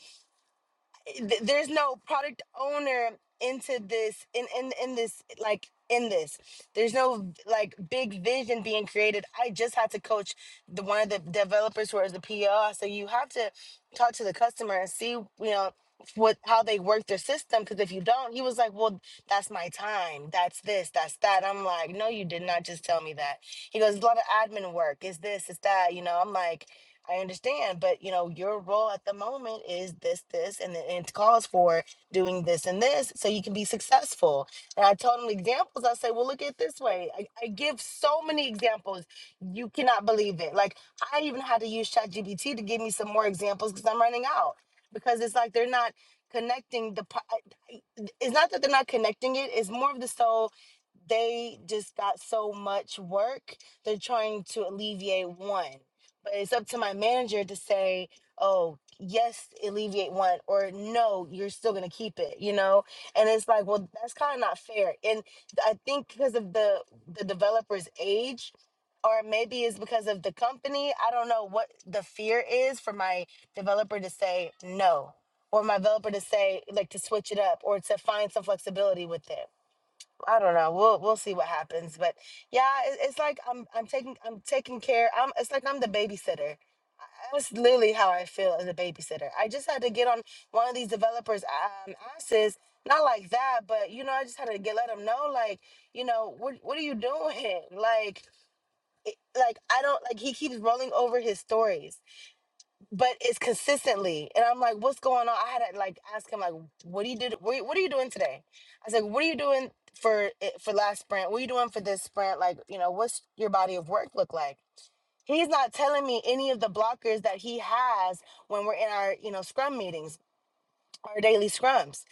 th- there's no product owner into this in in in this like in this there's no like big vision being created i just had to coach the one of the developers who is the pl so you have to talk to the customer and see you know what how they work their system because if you don't he was like well that's my time that's this that's that i'm like no you did not just tell me that he goes it's a lot of admin work it's this it's that you know i'm like I understand, but you know, your role at the moment is this, this, and then it calls for doing this and this so you can be successful. And I told them examples. I say, well, look at it this way. I, I give so many examples. You cannot believe it. Like I even had to use ChatGPT to give me some more examples because I'm running out because it's like they're not connecting the. pro- I- I- It's not that they're not connecting it. It's more of the so they just got so much work. They're trying to alleviate one but it's up to my manager to say oh yes alleviate one or no you're still gonna keep it you know and it's like well that's kind of not fair and i think because of the the developer's age or maybe it's because of the company i don't know what the fear is for my developer to say no or my developer to say like to switch it up or to find some flexibility with it I don't know. We'll we'll see what happens. But yeah, it, it's like I'm I'm taking I'm taking care. I'm it's like I'm the babysitter. I- That's literally how I feel as a babysitter. I just had to get on one of these developers' um, asses. Not like that, but you know, I just had to get let them know, like, you know, what what are you doing? Like, it, like I don't like. He keeps rolling over his stories but it's consistently. And I'm like, what's going on? I had to like ask him, like, what do you did? What, what are you doing today? I was like, what are you doing for it- for last sprint? What are you doing for this sprint? Like, you know, what's your body of work look like? He's not telling me any of the blockers that he has when we're in our, you know, scrum meetings our daily scrums.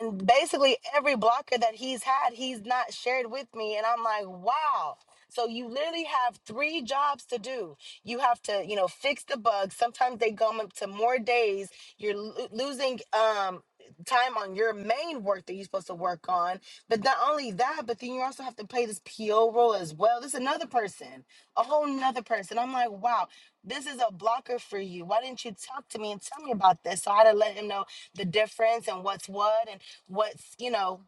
And basically every blocker that he's had, he's not shared with me. And I'm like, wow. So you literally have three jobs to do. You have to, you know, fix the bugs. Sometimes they go up to more days. You're lo- losing um time on your main work that you're supposed to work on. But not only that, but then you also have to play this PO role as well. This is another person, a whole nother person. I'm like, wow, this is a blocker for you. Why didn't you talk to me and tell me about this? So I had to let him know the difference and what's what and what's you know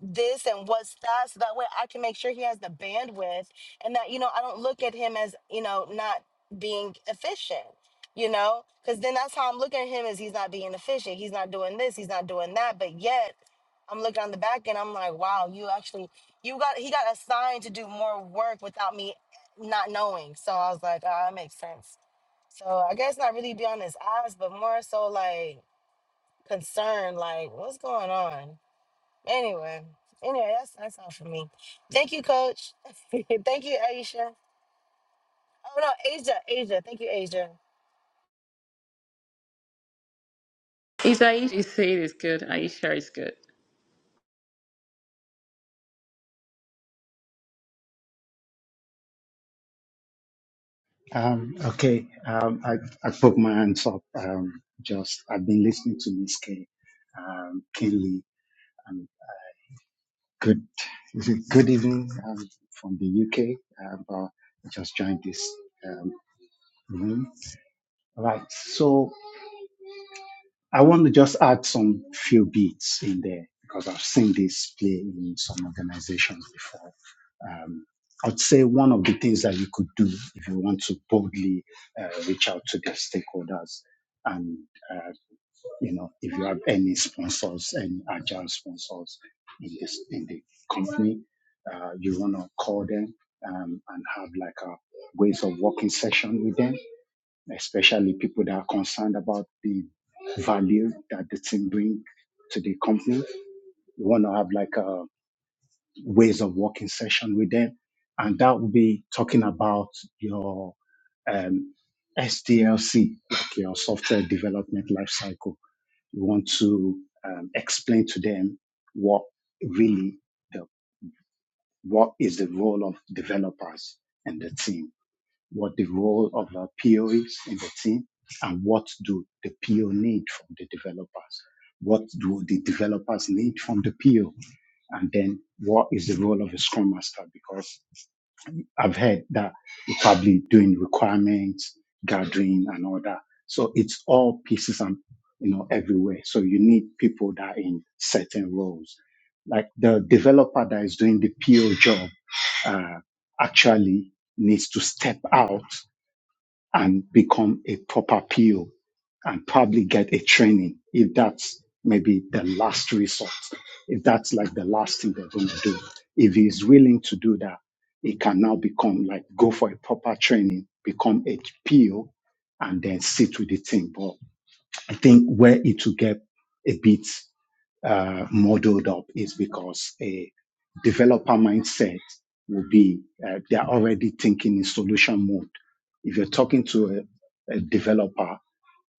this and what's that so that way i can make sure he has the bandwidth and that you know i don't look at him as you know not being efficient you know because then that's how i'm looking at him is he's not being efficient he's not doing this he's not doing that but yet i'm looking on the back end i'm like wow you actually you got he got assigned to do more work without me not knowing so i was like ah, that makes sense so i guess not really be on his ass but more so like concerned, like, what's going on? Anyway, anyway, that's that's all for me. Thank you, Coach. Thank you, Aisha. Oh no, Asia, Asia. Thank you, Asia. Is Aisha is saying is good. Aisha is good. Um, okay, um, I, I put my hands up. Um, just I've been listening to Miss K, um, Kinley, and good, is it good evening um, from the UK. Um, but I just joined this um, room. Right. So. I want to just add some few beats in there because I've seen this play in some organizations before. Um, I'd say one of the things that you could do if you want to boldly uh, reach out to the stakeholders, and uh, you know, if you have any sponsors, any agile sponsors in this in the company, uh, you want to call them um, and have like a ways of working session with them especially people that are concerned about the value that the team bring to the company. We want to have like a ways of working session with them, and that will be talking about your um, SDLC, like your software development lifecycle. You want to um, explain to them what really the, what is the role of developers and the team what the role of the PO is in the team, and what do the PO need from the developers? What do the developers need from the PO? And then what is the role of a Scrum Master? Because I've heard that you're probably doing requirements, gathering, and all that. So it's all pieces and you know everywhere. So you need people that are in certain roles. Like the developer that is doing the PO job uh, actually needs to step out and become a proper PO and probably get a training if that's maybe the last resort, if that's like the last thing they're going to do. If he's willing to do that, he can now become like go for a proper training, become a PO, and then sit with the team. But I think where it will get a bit uh, modeled up is because a developer mindset will be uh, they are already thinking in solution mode. If you're talking to a, a developer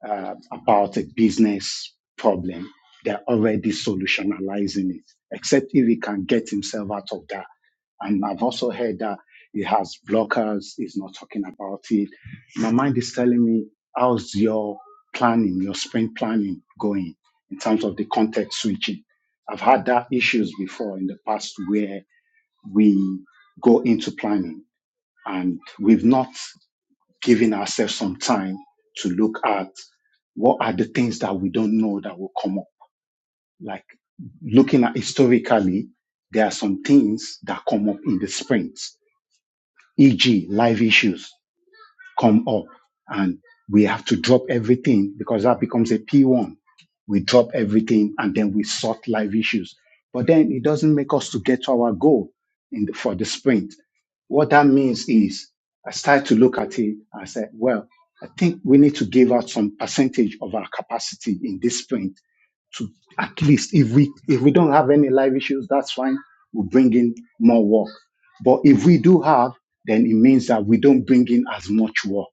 uh, about a business problem, they're already solutionalizing it, except if he can get himself out of that and I've also heard that he has blockers, he's not talking about it. My mind is telling me, how's your planning, your sprint planning going in terms of the context switching? I've had that issues before in the past where we go into planning and we've not given ourselves some time to look at what are the things that we don't know that will come up. Like looking at historically, there are some things that come up in the sprints e.g., life issues come up and we have to drop everything because that becomes a P1. We drop everything and then we sort life issues. But then it doesn't make us to get to our goal in the, for the sprint. What that means is I started to look at it. I said, well, I think we need to give out some percentage of our capacity in this sprint to at least if we if we don't have any life issues, that's fine. We bring in more work. But if we do have, then it means that we don't bring in as much work.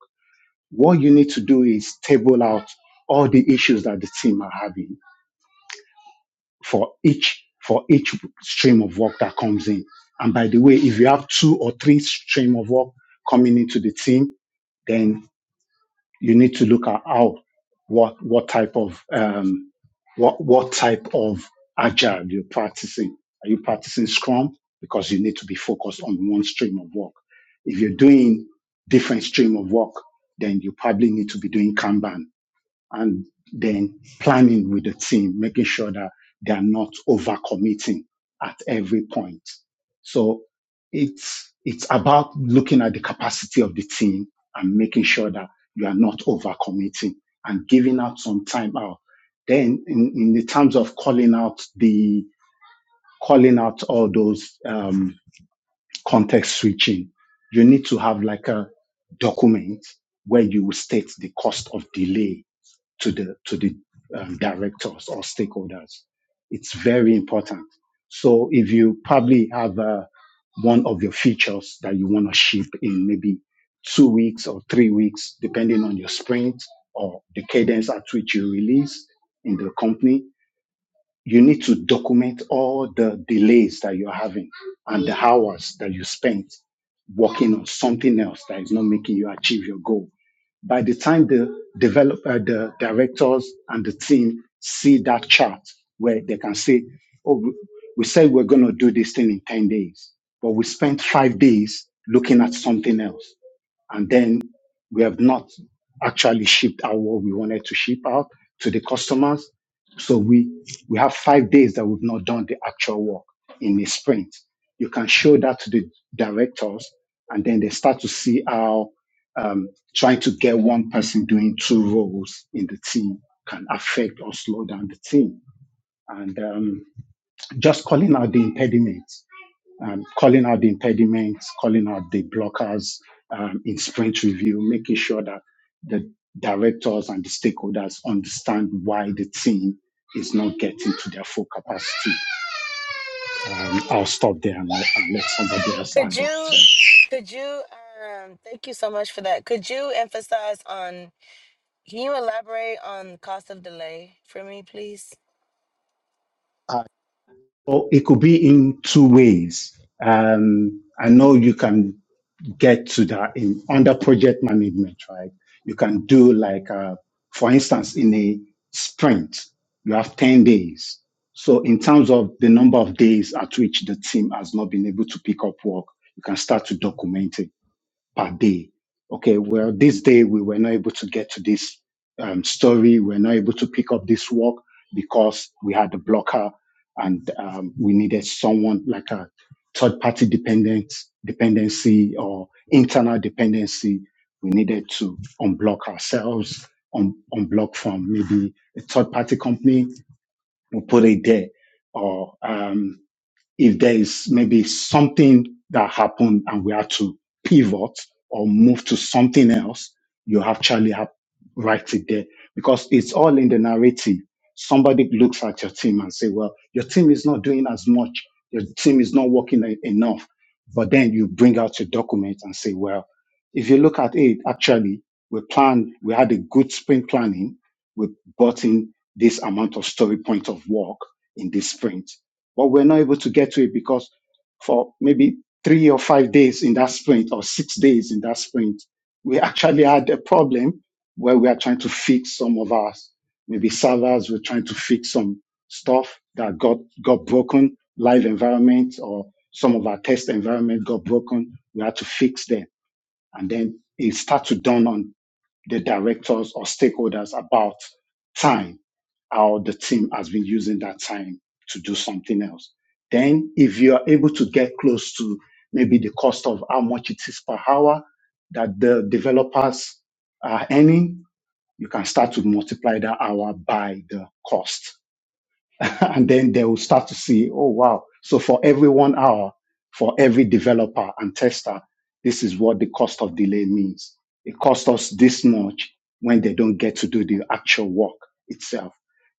What you need to do is table out all the issues that the team are having for each for each stream of work that comes in. And by the way, if you have two or three stream of work coming into the team, then. you need to look at how what what type of um, what what type of agile you're practicing. Are you practicing Scrum because you need to be focused on one stream of work? If you're doing different stream of work, then you probably need to be doing Kanban and then planning with the team, making sure that they are not overcommitting at every point. So it's it's about looking at the capacity of the team and making sure that you are not overcommitting and giving out some time out. Then in, in the terms of calling out the calling out all those um, context switching, you need to have like a document where you will state the cost of delay to the to the um, directors or stakeholders. It's very important. So if you probably have uh, one of your features that you want to ship in maybe two weeks or three weeks, depending on your sprint or the cadence at which you release in the company, you need to document all the delays that you're having and the hours that you spent working on something else that is not making you achieve your goal. By the time the develop, uh, the directors and the team see that chart where they can say, "Oh, we we said we're going to do this thing in ten days, but we spent five days looking at something else." and then we have not actually shipped out what we wanted to ship out to the customers. So we we have five days that we've not done the actual work in a sprint. You can show that to the directors, and then they start to see how um, trying to get one person doing two roles in the team can affect or slow down the team. And um, just calling out the impediments, um, calling out the impediments, calling out the blockers um, in sprint review, making sure that the directors and the stakeholders understand why the team is not getting to their full capacity. Um, I'll stop there and, let- and let somebody else add Could up to you, it. could you, um, thank you so much for that. Could you emphasize on? Can you elaborate on cost of delay for me, please? Uh, so it could be in two ways. Um, I know you can. get to that in under project management, right? You can do like, uh, for instance, in a sprint, you have 10 days. So in terms of the number of days at which the team has not been able to pick up work, you can start to document it per day. Okay, well, this day we were not able to get to this um, story. We were not able to pick up this work because we had a blocker and um, we needed someone like a third party dependent dependency or internal dependency. We needed to unblock ourselves, un- unblock from maybe a third party company. We put it there, or um, if there is maybe something that happened and we had to pivot or move to something else, you actually have write it there because it's all in the narrative. Somebody looks at your team and say, "Well, your team is not doing as much. Your team is not working e- enough." But then you bring out your document and say, "Well, if you look at it, actually, we planned. We had a good sprint planning. We brought in this amount of story point of work in this sprint." but we're not able to get to it because for maybe three or five days in that sprint or six days in that sprint, we actually had a problem where we are trying to fix some of our maybe servers We're trying to fix some stuff that got got broken, live environment or some of our test environment got broken. We had to fix them. And then it started to dawn on the directors or stakeholders about time or the team has been using that time to do something else. Then, if you are able to get close to maybe the cost of how much it is per hour that the developers are earning, you can start to multiply that hour by the cost. and then they will start to see, oh wow. So for every one hour, for every developer and tester, this is what the cost of delay means. It costs us this much when they don't get to do the actual work itself.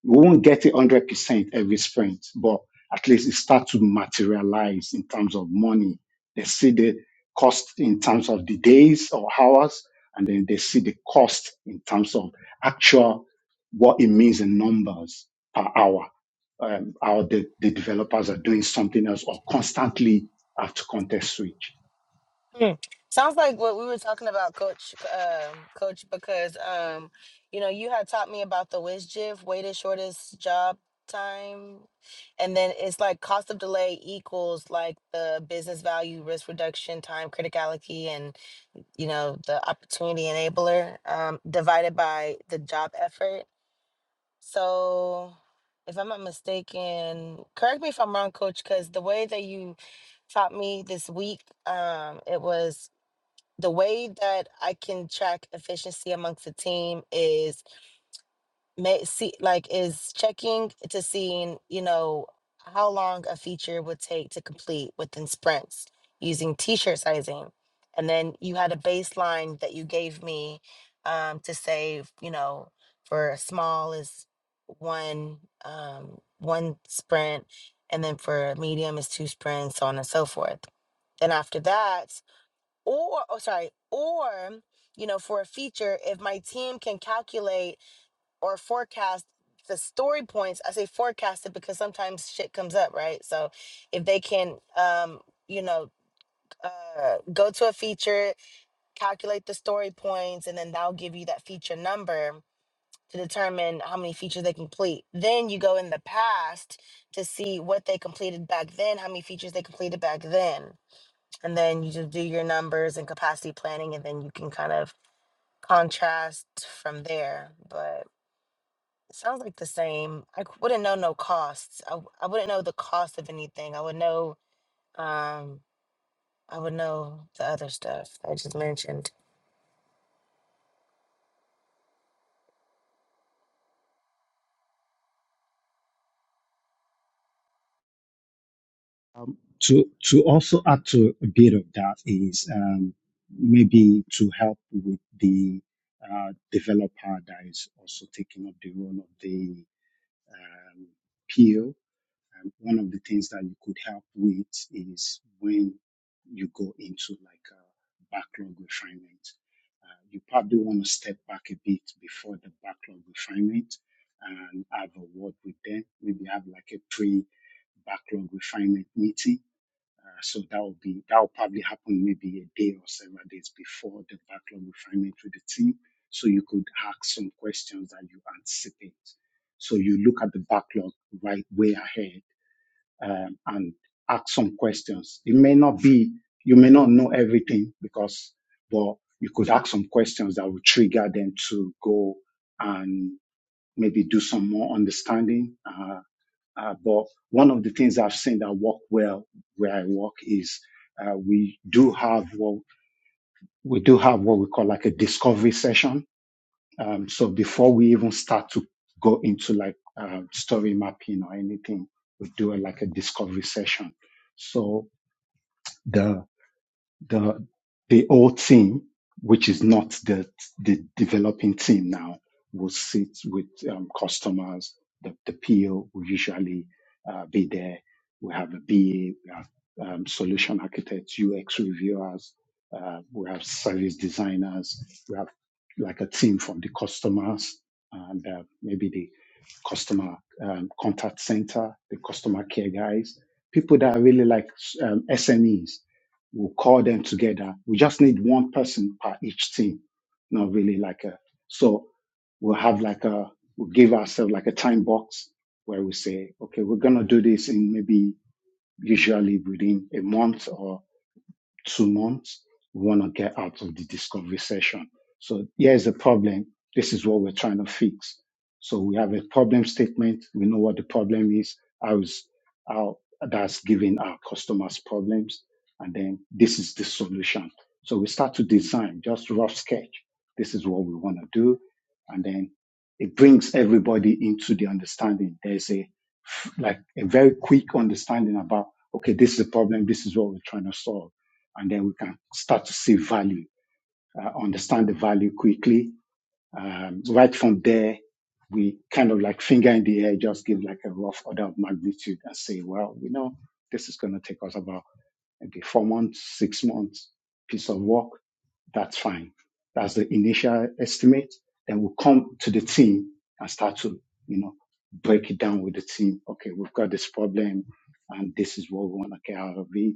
We won't get it 100% every sprint, but at least it starts to materialize in terms of money. They see the cost in terms of the days or hours, and then they see the cost in terms of actual what it means in numbers per hour um, or the, the developers are doing something else or constantly have to context switch. Mm. Sounds like what we were talking about, Coach. Um, Coach, because um, you know, you had taught me about the WSJIF, weighted shortest job time, and then it's like cost of delay equals like the business value, risk reduction, time criticality, and you know the opportunity enabler um, divided by the job effort. So, if I'm not mistaken, correct me if I'm wrong, Coach, because the way that you taught me this week, um, it was the way that I can track efficiency amongst the team is may see like is checking to seeing, you know, how long a feature would take to complete within sprints using t-shirt sizing. And then you had a baseline that you gave me um, to save, you know, for a small is one um, one sprint, and then for a medium is two sprints, so on and so forth. Then after that, or oh sorry or you know for a feature if my team can calculate or forecast the story points i say forecast it because sometimes shit comes up right so if they can um you know uh, go to a feature calculate the story points and then that'll give you that feature number to determine how many features they complete then you go in the past to see what they completed back then how many features they completed back then and then you just do your numbers and capacity planning and then you can kind of contrast from there but it sounds like the same i c- wouldn't know no costs i, w- I wouldn't know the cost of anything i would know um i would know the other stuff i just mentioned Um, to to also add to a bit of that is um, maybe to help with the uh, developer that is also taking up the role of the um, P O Um, one of the things that you could help with is when you go into like a backlog refinement, uh, you probably want to step back a bit before the backlog refinement and have a word with them. Maybe have like a pre backlog refinement meeting. Uh, so that will be that will probably happen maybe a day or several days before the backlog refinement with the team. So you could ask some questions that you anticipate. So you look at the backlog right way ahead um, and ask some questions. It may not be, you may not know everything because, but you could ask some questions that will trigger them to go and maybe do some more understanding. Uh, uh, but one of the things I've seen that work well where I work is uh, we do have what we do have what we call like a discovery session um, so before we even start to go into like uh, story mapping or anything, we do a, like a discovery session. So the the the old team, which is not the the developing team now, will sit with um, customers. The, the PO will usually uh, be there. We have a BA, we have um, solution architects, UX reviewers, uh, we have service designers, we have like a team from the customers and uh, maybe the customer um, contact center, the customer care guys, people that are really like um, SMEs We'll call them together. We just need one person per each team. Not really like a, so we'll have like a, we'll give ourselves like a time box where we say, okay, we're going to do this in maybe usually within a month or two months. We want to get out of the discovery session. So here's the problem. This is what we're trying to fix. So we have a problem statement. We know what the problem is. How is how that's giving our customers problems. And then this is the solution. So we start to design, just rough sketch. This is what we want to do. And then it brings everybody into the understanding. There's a like a very quick understanding about okay, this is the problem, this is what we're trying to solve and then we can start to see value, uh, understand the value quickly. Um, right from there, we kind of like finger in the air, just give like a rough order of magnitude and say, well, you know, this is going to take us about maybe four months, six months piece of work. That's fine. That's the initial estimate. Then we'll come to the team and start to, you know, break it down with the team. Okay, we've got this problem and this is what we want to get out of it.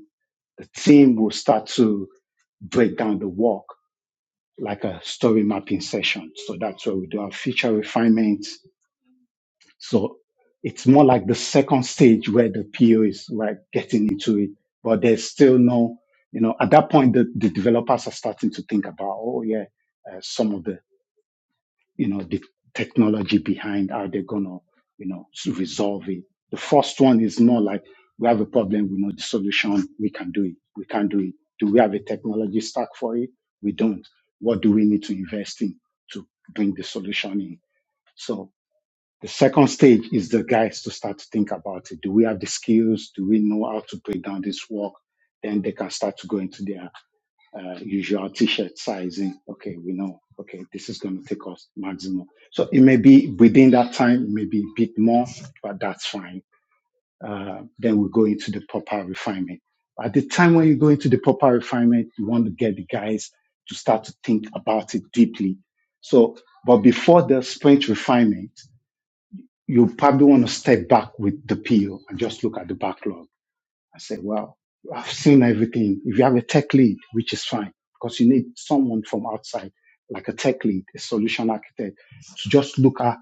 The team will start to break down the work like a story mapping session. So that's where we do our feature refinements. So it's more like the second stage where the PO is like getting into it, but there's still no, you know, at that point the, the developers are starting to think about, oh yeah, uh, some of the you know, the technology behind how they're gonna, you know, s- resolve it. The first one is more like we have a problem, we know the solution, we can do it, we can do it. Do we have a technology stack for it? We don't. What do we need to invest in to bring the solution in? So. The second stage is the guys to start to think about it. Do we have the skills? Do we know how to break down this work? Then they can start to go into their uh, usual t-shirt sizing. Okay, we know. Okay, this is going to take us maximum. So it may be within that time, maybe a bit more, but that's fine. Uh, then we go into the proper refinement. At the time when you go into the proper refinement, you want to get the guys to start to think about it deeply. So, but before the sprint refinement, you probably want to step back with the PO and just look at the backlog and say, well, I've seen everything. If you have a tech lead, which is fine, because you need someone from outside, like a tech lead, a solution architect, to just look at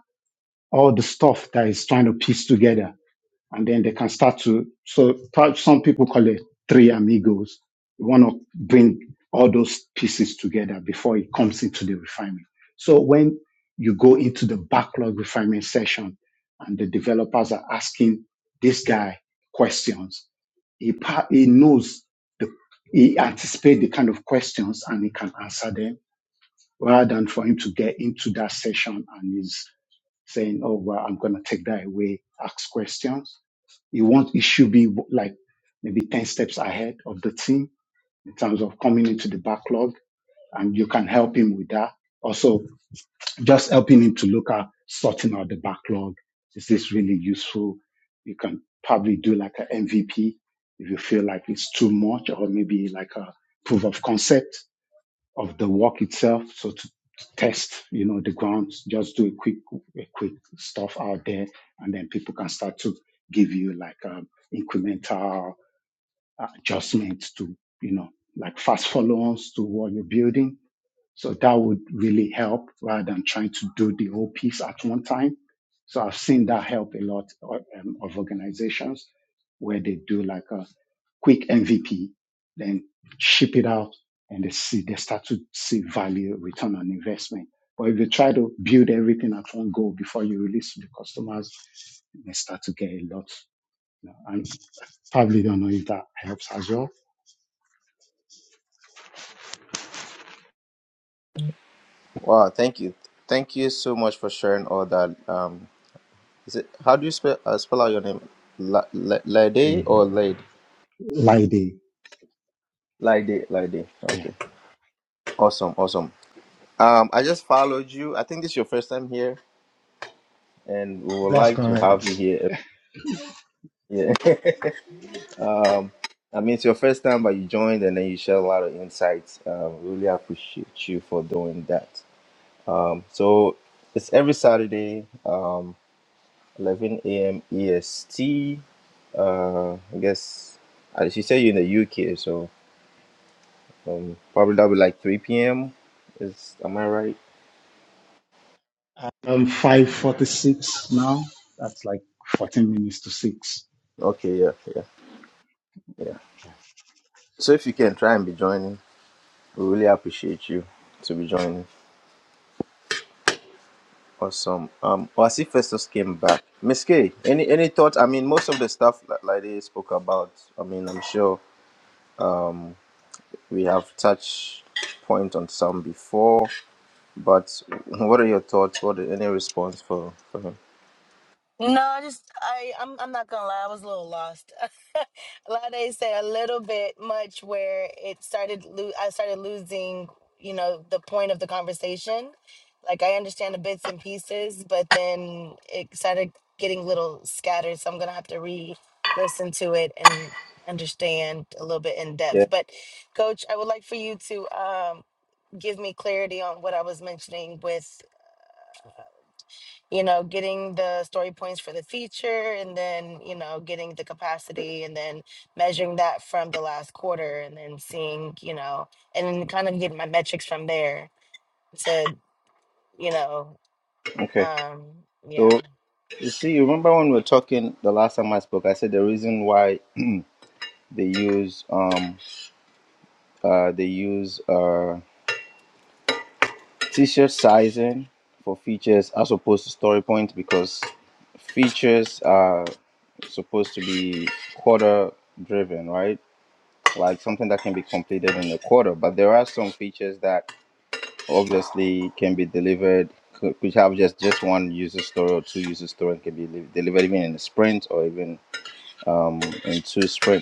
all the stuff that is trying to piece together and then they can start to so some people call it three amigos you want to bring all those pieces together before it comes into the refinement so when you go into the backlog refinement session and the developers are asking this guy questions he, he knows the he anticipates the kind of questions and he can answer them rather than for him to get into that session and is saying, oh, well, I'm going to take that away, ask questions. You want, it should be like maybe 10 steps ahead of the team in terms of coming into the backlog and you can help him with that. Also, just helping him to look at sorting out the backlog. Is this really useful? You can probably do like an MVP if you feel like it's too much or maybe like a proof of concept of the walk itself. So to, to test, you know, the ground, just do a quick, a quick stuff out there, and then people can start to give you like um, incremental adjustments to, you know, like fast follow-ons to what you're building so that would really help rather than trying to do the whole piece at one time. So I've seen that help a lot uh, um, of organizations where they do like a quick MVP, then ship it out and they see, they start to see value return on investment. But if you try to build everything at one go before you release to the customers, they start to get a lot. You know, and probably don't know if that helps as well. Wow, thank you. Thank you so much for sharing all that. Um, is it how do you spell uh, spell out your name? La- La- Lade The or Lade? like the Lade, Lade. yeah. Okay. Awesome, awesome. Um, I just followed you. I think this is your first time here, and we would That's like to have you correct. here. every- Yeah. I mean, it's your first time, but you joined and then you shared a lot of insights. Um, really appreciate you for doing that. Um, so it's every Saturday, um, 11 a.m. EST. Uh, I guess uh, she said you're in the UK, so um, probably that'll be like 3 p.m. Is am I right? Um, five forty-six now. That's like fourteen minutes to six. Okay, yeah, yeah, yeah. So if you can try and be joining, we really appreciate you to be joining. Awesome. Um, well, I see Festus came back. Miss K, any any thoughts? I mean, most of the stuff that Lady spoke about. I mean, I'm sure we have touched point on some before, but what are your thoughts? What any response for for him? No, I just I I'm I'm not gonna lie, I was a little lost. a lot of say a little bit much where it started lo- I started losing, you know, the point of the conversation. Like I understand the bits and pieces, but then it started getting little scattered, so I'm gonna have to re listen to it and understand a little bit in Yeah. depth. But coach, I would like for you to um give me clarity on what I was mentioning with you know, getting the story points for the feature and then, you know, getting the capacity and then measuring that from the last quarter and then seeing, you know, and then kind of getting my metrics from there to, you know, Okay. um, So. yeah. You see, you remember when we were talking the last time I spoke, I said the reason why they use um uh they use uh t-shirt sizing for features as opposed to story points because features are supposed to be quarter driven, right? Like something that can be completed in a quarter, but there are some features that obviously can be delivered, could could have just just one user story or two user story, and can be li- delivered even in a sprint or even um, in two sprints.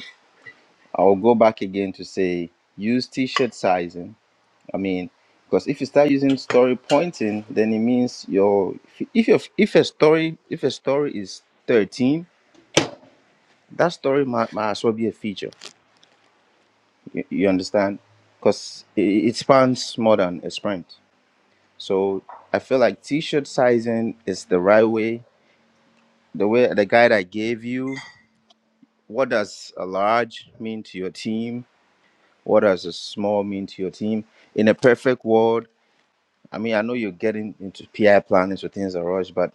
I'll go back again to say use t-shirt sizing. I mean, because if you start using story pointing, then it means your if your if a story if a story is 13, that story might, might as well be a feature. You, you understand? Because it, it spans more than a sprint. So I feel like t-shirt sizing is the right way. The way the guide I gave you, what does a large mean to your team? What does a small mean to your team? In a perfect world, I mean, I know you're getting into PI planning, so things are rushed, but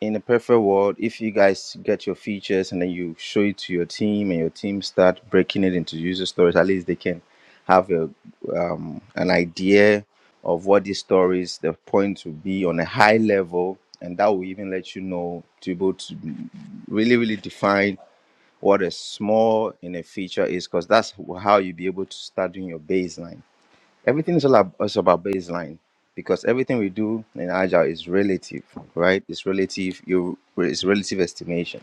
in a perfect world, if you guys get your features and then you show it to your team and your team start breaking it into user stories, at least they can have a, um, an idea of what these stories, the points will be on a high level. And that will even let you know to be able to really, really define what a small in a feature is, because that's how you'll be able to start doing your baseline Everything is all ab- is about baseline because everything we do in agile is relative, right? It's relative. You it's relative estimation.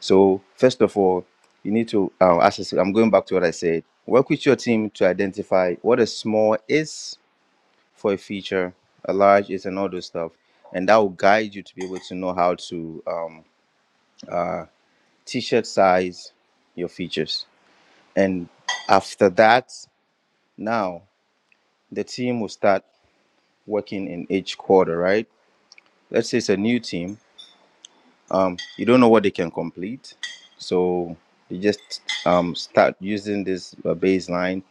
So first of all, you need to uh, access. I'm going back to what I said. Work with your team to identify what a small is for a feature, a large is, and all those stuff, and that will guide you to be able to know how to um, uh, t-shirt size your features. And after that, now the team will start working in each quarter, right? let's say it's a new team, um, you don't know what they can complete, so you just um, start using this uh, baseline,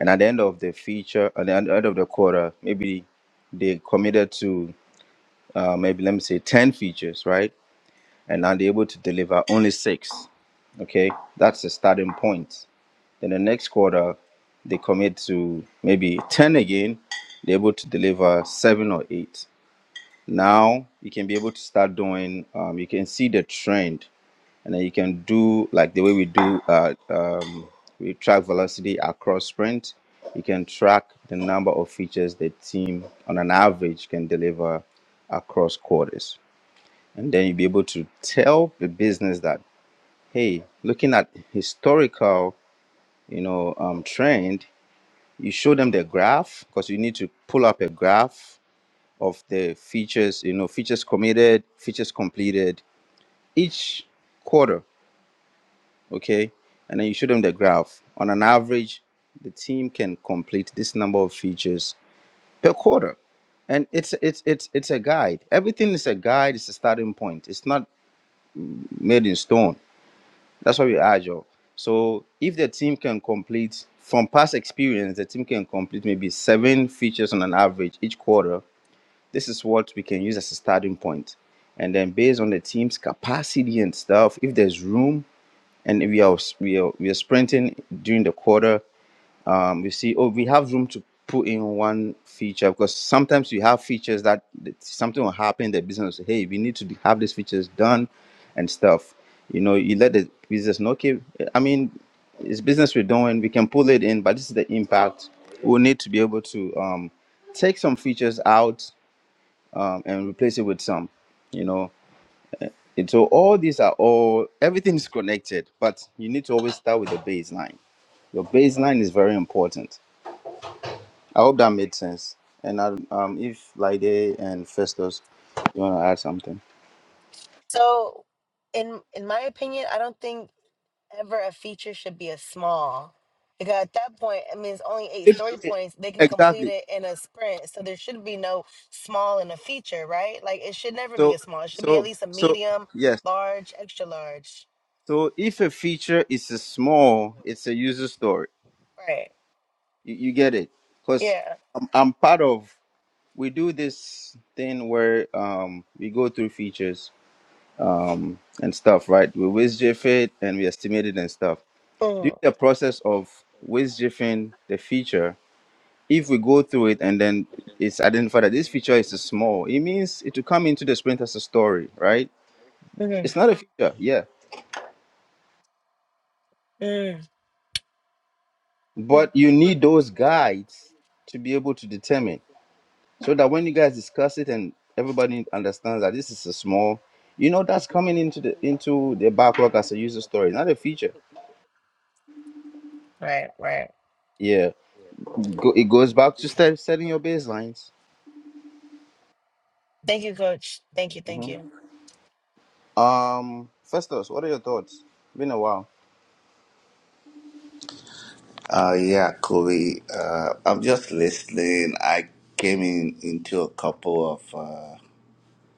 and at the end of the feature, at the end end of the quarter, maybe they committed to uh, maybe let me say ten features, right? And now they're able to deliver only six. Okay, that's the starting point. Then the next quarter, they commit to maybe ten again. They're able to deliver seven or eight now you can be able to start doing um, you can see the trend and then you can do like the way we do uh, um, we track velocity across sprint you can track the number of features the team on an average can deliver across quarters and then you'll be able to tell the business that hey looking at historical you know um, trend you show them the graph because you need to pull up a graph of the features, you know, features committed, features completed each quarter, okay? And then you show them the graph. On an average, the team can complete this number of features per quarter. And it's it's it's it's a guide. Everything is a guide, it's a starting point. It's not made in stone. That's why we're agile. So if the team can complete from past experience, the team can complete maybe seven features on an average each quarter This is what we can use as a starting point. And then based on the team's capacity and stuff, if there's room and we are we are, we are sprinting during the quarter, um, we see oh we have room to put in one feature because sometimes you have features that that something will happen. The business will say, hey, we need to have these features done and stuff. You know, you let the business know. Okay, I mean, it's business we're doing. We can pull it in, but this is the impact. We'll need to be able to um, take some features out um, and replace it with some, you know. And so all these are all everything is connected, but you need to always start with the baseline. Your baseline is very important. I hope that made sense. And I, um, if Lide and Festus, you want to add something? So in in my opinion, I don't think ever a feature should be a small. Because at that point, I mean, it's only eight story points. They can complete Exactly. it in a sprint. So there should be no small in a feature, right? Like it should never be So, a small. It should be at so, least a so, medium, yes. large, extra large. So if a feature is a small, it's a user story. Right. You, you get it? Because Yeah. I'm, I'm part of. We do this thing where um, we go through features um, and stuff, right? We waste GIF it and we estimate it and stuff. During Mm, the process of waste jiffing the feature, if we go through it and then it's identified that this feature is small, it means it will come into the sprint as a story, right? mhm, It's not a feature, yeah. mm, mm. But you need those guides to be able to determine so that when you guys discuss it and everybody understands that this is a small, you know, that's coming into the into the backlog as a user story, not a feature. Right, right. Yeah. Go, it goes back to set, setting your baselines. Thank you, coach. Thank you, thank hmm you. Um, Festus, what are your thoughts? Been a while. Uh, yeah, Kobe. Uh, I'm just listening. I came in into a couple of uh,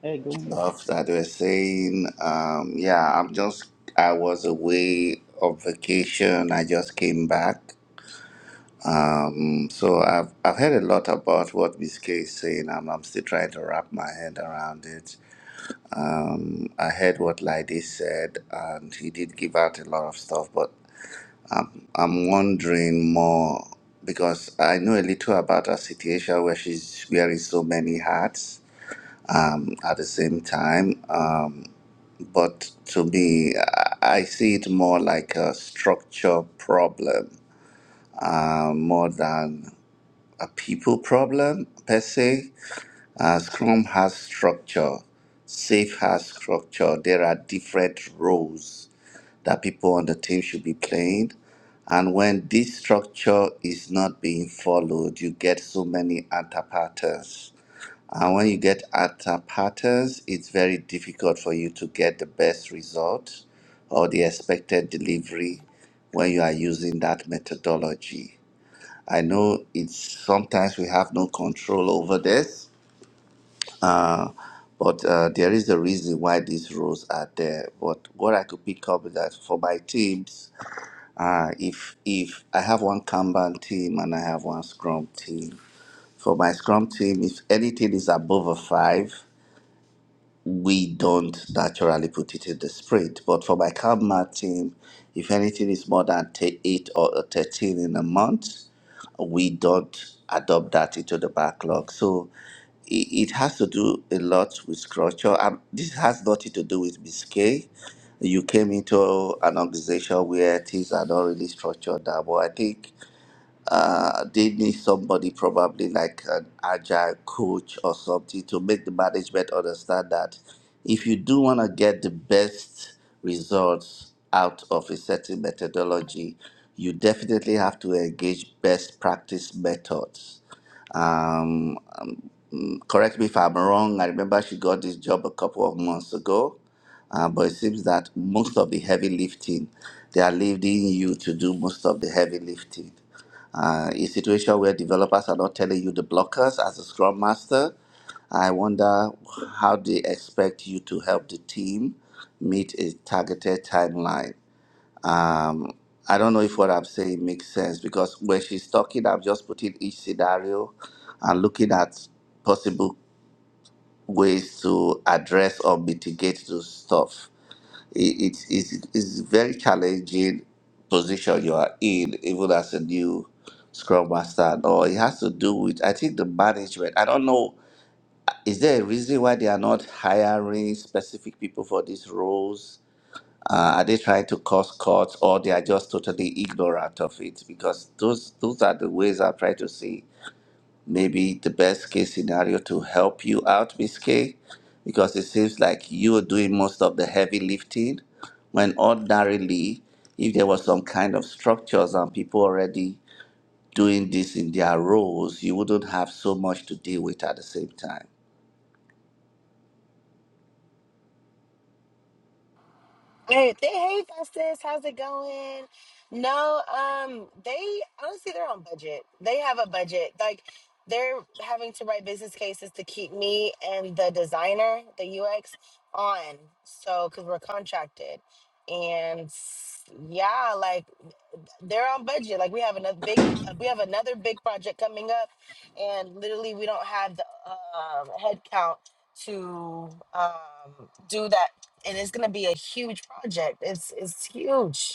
Hey, good. mo- stuff that were saying. Um, yeah, I'm just. I was away on vacation. I just came back. Mm, so I've I've heard a lot about what Miss K is saying. I'm I'm still trying to wrap my head around it. Um, I heard what Lydie said, and he did give out a lot of stuff, but I'm wondering more because I know a little about her situation where she's wearing so many hats um, at the same time. Um, but to me, I, I see it more like a structure problem uh, more than a people problem per se. Uh, Scrum has structure, Safe has structure. There are different roles that people on the team should be playing. And when this structure is not being followed, you get so many atta patterns. And when you get atta patterns, it's very difficult for you to get the best result or the expected delivery when you are using that methodology. I know it's sometimes we have no control over this, but uh, there is a reason why these rules are there. But what I could pick up is that for my teams, Uh, if if I have one Kanban team and I have one Scrum team, for my Scrum team, if anything is above a five, we don't naturally put it in the spirit. But for my Kalmar team, if anything is more than t- 8 or uh, 13 in a month, we don't adopt that into the backlog. So it, it has to do a lot with culture. Um, this has nothing to do with Miss K. You came into an organization where things are not really structured. That, but I think uh, they need somebody probably like an agile coach or something to make the management understand that if you do want to get the best results out of a certain methodology, you definitely have to engage best practice methods. Um, Correct me if I'm wrong. I remember she got this job a couple of months ago, uh, but it seems that most of the heavy lifting, they are leaving you to do most of the heavy lifting. Uh, a situation where developers are not telling you the blockers as a scrum master. I wonder how they expect you to help the team meet a targeted timeline. Um, I don't know if what I'm saying makes sense because when she's talking, I'm just putting each scenario and looking at possible ways to address or mitigate those stuff. It, it, it's, it's a very challenging position you are in, even as a new Scrum Master. No, it has to do with, I think, the management. I don't know, is there a reason why they are not hiring specific people for these roles? Uh, are they trying to cause cuts or they are just totally ignorant of it? Because those those are the ways I'm trying to see maybe the best case scenario to help you out, Miss K, because it seems like you are doing most of the heavy lifting when ordinarily, if there was some kind of structures and people already doing this in their roles, you wouldn't have so much to deal with at the same time. Hey, they, hey, Festus, how's it going? No, um, they honestly they're on budget. They have a budget. Like they're having to write business cases to keep me and the designer, the UX, on. So because we're contracted, and s- yeah, like they're on budget. Like we have another big, uh, we have another big project coming up, and literally we don't have the um, headcount to um, do that. And it's gonna be a huge project. It's it's huge.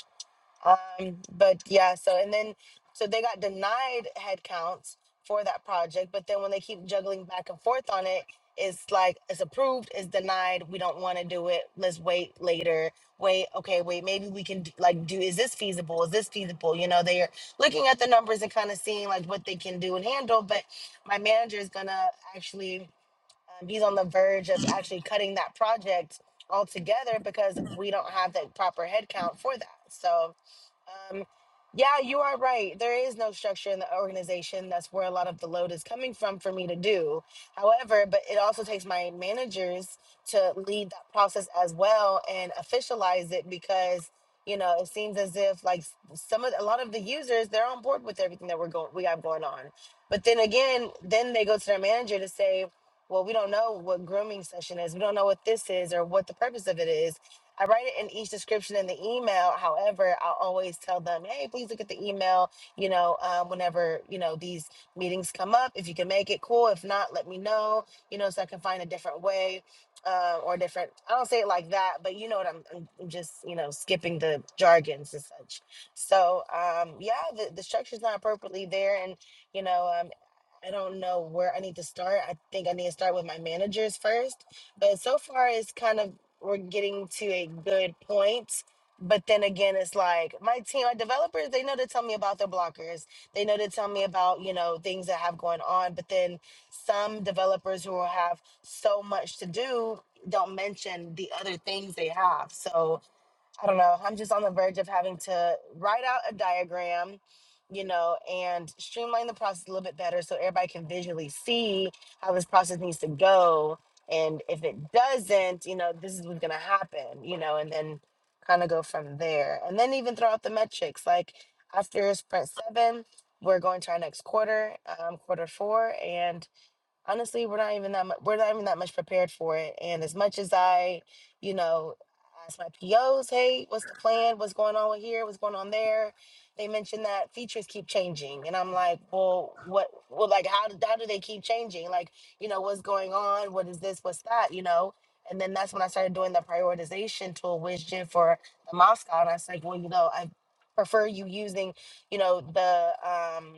Um, but yeah, so and then so they got denied headcounts for that project, but then when they keep juggling back and forth on it, it's like it's approved, it's denied. We don't want to do it. Let's wait later. Wait, okay, wait. Maybe we can d- like do. Is this feasible? Is this feasible? You know, they're looking at the numbers and kind of seeing like what they can do and handle. But my manager is gonna actually, um, he's on the verge of actually cutting that project altogether because we don't have the proper headcount for that. So um, yeah, you are right. There is no structure in the organization. That's where a lot of the load is coming from for me to do. However, but it also takes my managers to lead that process as well and officialize it because you know it seems as if like s- some of a lot of the users they're on board with everything that we're going we have going on. But then again, then they go to their manager to say, well, we don't know what grooming session is. We don't know what this is or what the purpose of it is I write it in each description in the email. However, I'll always tell them, hey, please look at the email, you know, um, whenever, you know, these meetings come up. If you can make it, cool. If not, let me know, you know, so I can find a different way uh, or different. I don't say it like that, but you know what I'm, I'm I'm just, you know, skipping the jargons and such. So, um, yeah, the, the structure's not appropriately there. And, you know, um, I don't know where I need to start. I think I need to start with my managers first. But so far, it's kind of we're getting to a good point. But then again, it's like my team, my developers, they know to tell me about their blockers. They know to tell me about, you know, things that have going on. But then some developers who have so much to do don't mention the other things they have. So I don't know. I'm just on the verge of having to write out a diagram, you know, and streamline the process a little bit better so everybody can visually see how this process needs to go. And if it doesn't, you know, this is what's going to happen, you know, and then kind of go from there. And then even throw out the metrics. Like after sprint seven, we're going to our next quarter, um, quarter four. and honestly we're not even that much, we're not even that much prepared for it and as much as i you know ask my pos hey what's the plan what's going on with here what's going on there they mentioned that features keep changing and i'm like well what well like how, do- how do they keep changing like you know what's going on what is this what's that you know and then that's when i started doing the prioritization tool which did for the moscow and i was like well you know i prefer you using you know the um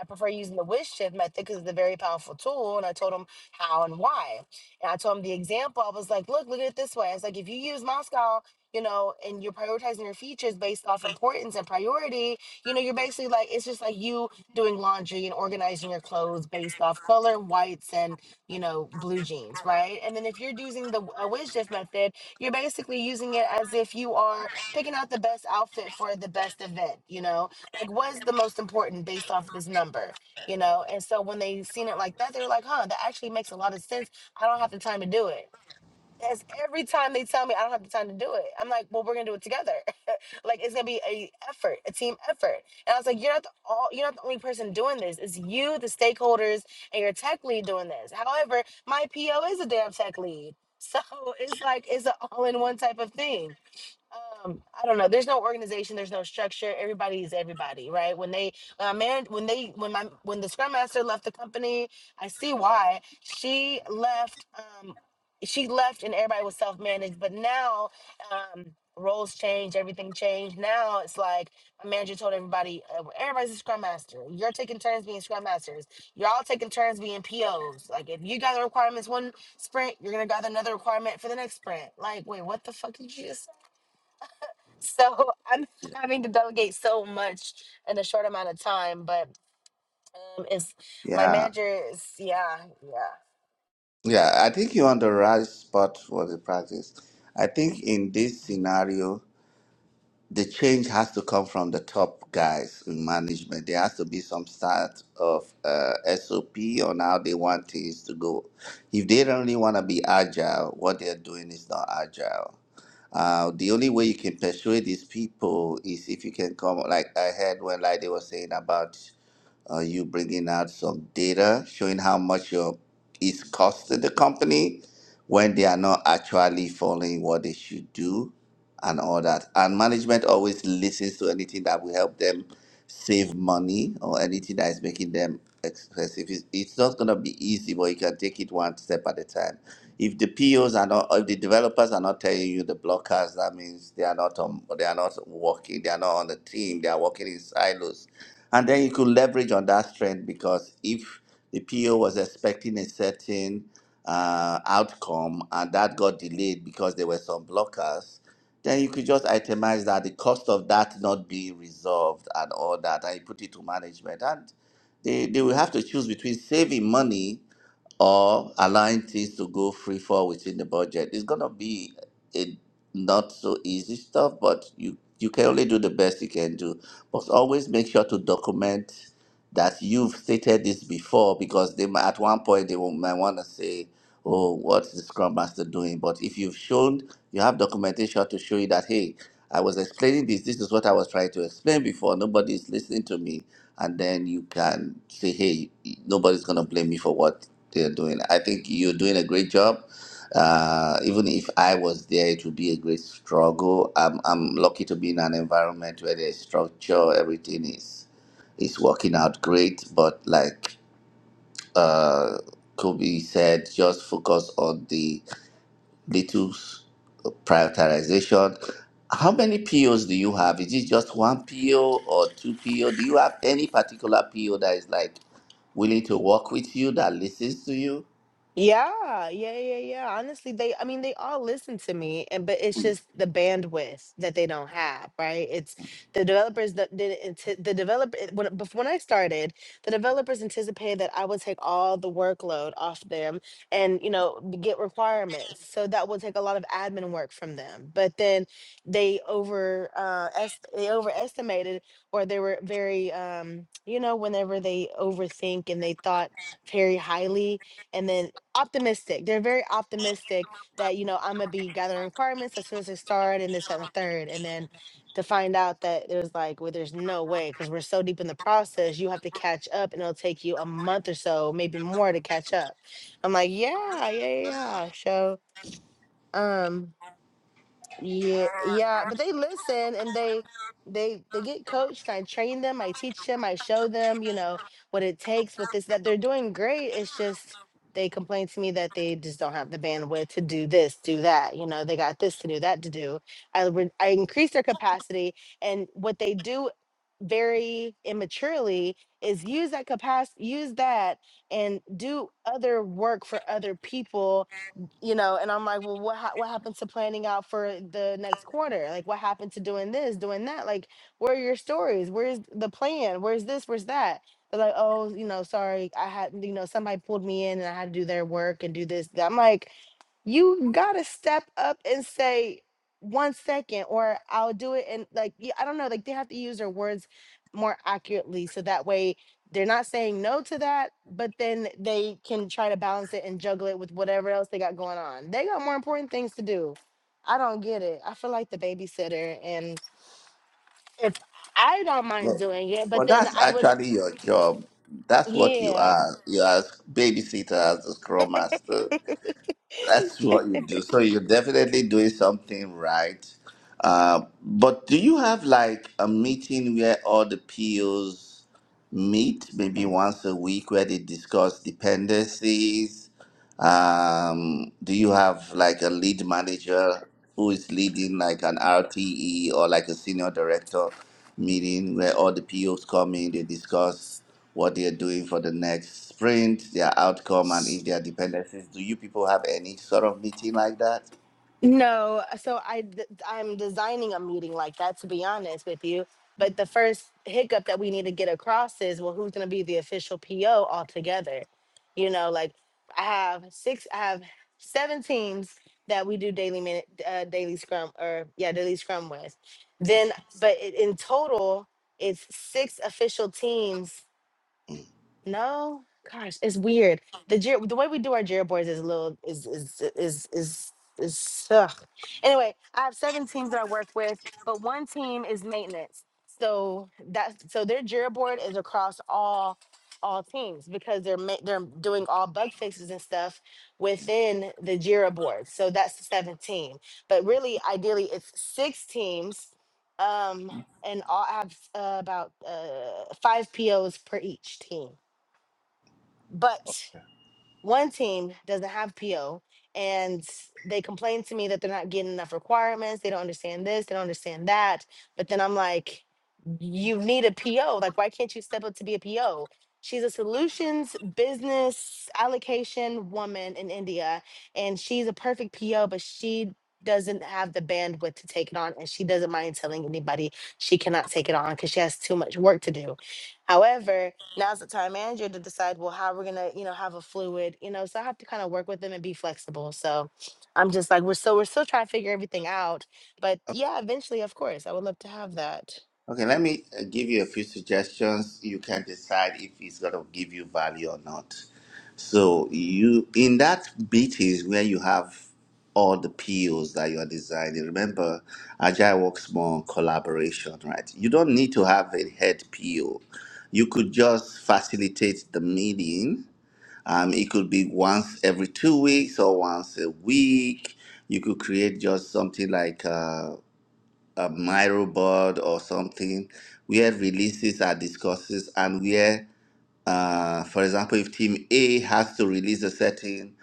I prefer using the wish shift method because it's a very powerful tool. And I told him how and why. And I told him the example. I was like, look, look at it this way. I was like, if you use Moscow, you know, and you're prioritizing your features based off importance and priority, you know, you're basically like, it's just like you doing laundry and organizing your clothes based off color, whites, and, you know, blue jeans, right? And then if you're using the w- a wish shift method, you're basically using it as if you are picking out the best outfit for the best event, you know? like what is the most important based off this number you know and so when they seen it like that they're like huh that actually makes a lot of sense i don't have the time to do it that's every time they tell me i don't have the time to do it i'm like well we're gonna do it together like it's gonna be a effort a team effort and i was like you're not the all you're not the only person doing this it's you the stakeholders and your tech lead doing this however my po is a damn tech lead so it's like it's an all-in-one type of thing um i don't know there's no organization there's no structure everybody is everybody right when they when i married when they when my when the scrum master left the company i see why she left um she left and everybody was self-managed but now um roles change everything changed now it's like my manager told everybody uh, everybody's a scrum master you're taking turns being scrum masters you're all taking turns being pos like if you gather requirements one sprint you're gonna gather another requirement for the next sprint like wait what the fuck did you just so I'm having to delegate so much in a short amount of time, but um, it's my Yeah. manager is yeah, yeah. Yeah, I think you're on the right spot for the practice. I think in this scenario, the change has to come from the top guys in management. There has to be some sort of uh, SOP on how they want things to go. If they don't really want to be agile, what they're doing is not agile. Uh, the only way you can persuade these people is if you can come, like I heard when like they were saying about uh, you bringing out some data showing how much your is costing the company when they are not actually following what they should do and all that. And management always listens to anything that will help them save money or anything that is making them expensive. It's, it's not going to be easy, but you can take it one step at a time. If the POs are not, if the developers are not telling you the blockers, that means they are not on, they are not working, they are not on the team, they are working in silos. And then you could leverage on that strength because if the PO was expecting a certain uh, outcome and that got delayed because there were some blockers, then you could just itemize that the cost of that not being resolved and all that, and you put it to management. And they, they will have to choose between saving money or allowing things to go free fall within the budget. It's gonna be a not so easy stuff, but you you can only do the best you can do. But always make sure to document that you've stated this before because they might, at one point they will, might want to say, "Oh, what's the Scrum Master doing?" But if you've shown you have documentation to show you that hey, I was explaining this. This is what I was trying to explain before. Nobody's listening to me and then you can say, "Hey, nobody's gonna blame me for what." they're doing. I think you're doing a great job. Uh, even if I was there, it would be a great struggle. I'm, I'm lucky to be in an environment where there's structure, everything is is working out great. But like uh, Kobe said, just focus on the little s- prioritization. How many POs do you have? Is it just one PO or two PO? Do you have any particular PO that is like willing to work with you that listens to you? Yeah, yeah, yeah, yeah. Honestly, they I mean they all listen to me and but it's just the bandwidth that they don't have, right? It's the developers that didn't anti- the developer when bef- when I started, the developers anticipated that I would take all the workload off them and, you know, b- get requirements. So that would take a lot of admin work from them. But then they over uh est- they overestimated or they were very um, you know, whenever they overthink and they thought very highly and then optimistic. They're very optimistic that, you know, I'm gonna be gathering requirements as soon as I start and this, that, and the third. And then to find out that there's like, well, there's no way because we're so deep in the process, you have to catch up and it'll take you a month or so, maybe more to catch up. I'm like, yeah, yeah, yeah. yeah." So um yeah, yeah, but they listen and they they they get coached. I train them, I teach them, I show them, you know, what it takes with this that they're doing great. It's just they complain to me that they just don't have the bandwidth to do this, do that. You know, they got this to do, that to do. I re- I increase their capacity, and what they do very immaturely is use that capacity, use that, and do other work for other people you know and i'm like well what ha- what happened to planning out for the next quarter like what happened to doing this doing that like where are your stories where's the plan where's this where's that they're like oh you know sorry i had you know somebody pulled me in and i had to do their work and do this i'm like you gotta step up and say one second or i'll do it and like y- i don't know like they have to use their words more accurately so that way they're not saying no to that but then they can try to balance it and juggle it with whatever else they got going on they got more important things to do i don't get it i feel like the babysitter and if i don't mind But, doing it but but then that's i would actually your job. That's what you yeah are. You are babysitter as a scrum master. That's what you do. So you're definitely doing something right. Uh, but do you have like a meeting where all the POs meet, maybe once a week, where they discuss dependencies? Um, do you have like a lead manager who is leading like an RTE or like a senior director meeting where all the POs come in, they discuss what they're doing for the next sprint, their outcome, and if there are dependencies? Do you people have any sort of meeting like that? No, uh, so I d- I'm designing a meeting like that to be honest with you. But the first hiccup that we need to get across is well, who's going to be the official PO altogether? You know, like I have six, I have seven teams that we do daily minute, uh, daily scrum, or yeah, daily scrum with. Then, but i- in total, it's six official teams no, gosh, it's weird. The ger- the way we do our Jira boards is a little is is is is is ugh. Anyway, I have seven teams that I work with, but one team is maintenance. So that's so their Jira board is across all all teams because they're ma- they're doing all bug fixes and stuff within the Jira board. So that's the seventh team. But really, ideally, it's six teams, um, and all I have uh, about uh, five POs per each team. But one team doesn't have PO and they complain to me that they're not getting enough requirements. They don't understand this, they don't understand that. But then I'm like, you need a PO. Like, why can't you step up to be a PO? She's a solutions business allocation woman in India, and she's a perfect PO, but she doesn't have the bandwidth to take it on, and she doesn't mind telling anybody she cannot take it on because she has too much work to do. However, now's the time manager to decide well how we're gonna you know have a fluid you know so i have to kind of work with them and be flexible so i'm just like we're still we're still trying to figure everything out but yeah eventually of course i would love to have that Okay, let me uh, give you a few suggestions. You can decide if it's going to give you value or not. So you in that bit is where you have all the POs that you are designing. Remember, Agile works more on collaboration, right? You don't need to have a head PO. You could just facilitate the meeting. Um, it could be once every two weeks or once a week. You could create just something like uh, a Miro board or something where releases are discussed and where, uh, for example, if team A has to release a certain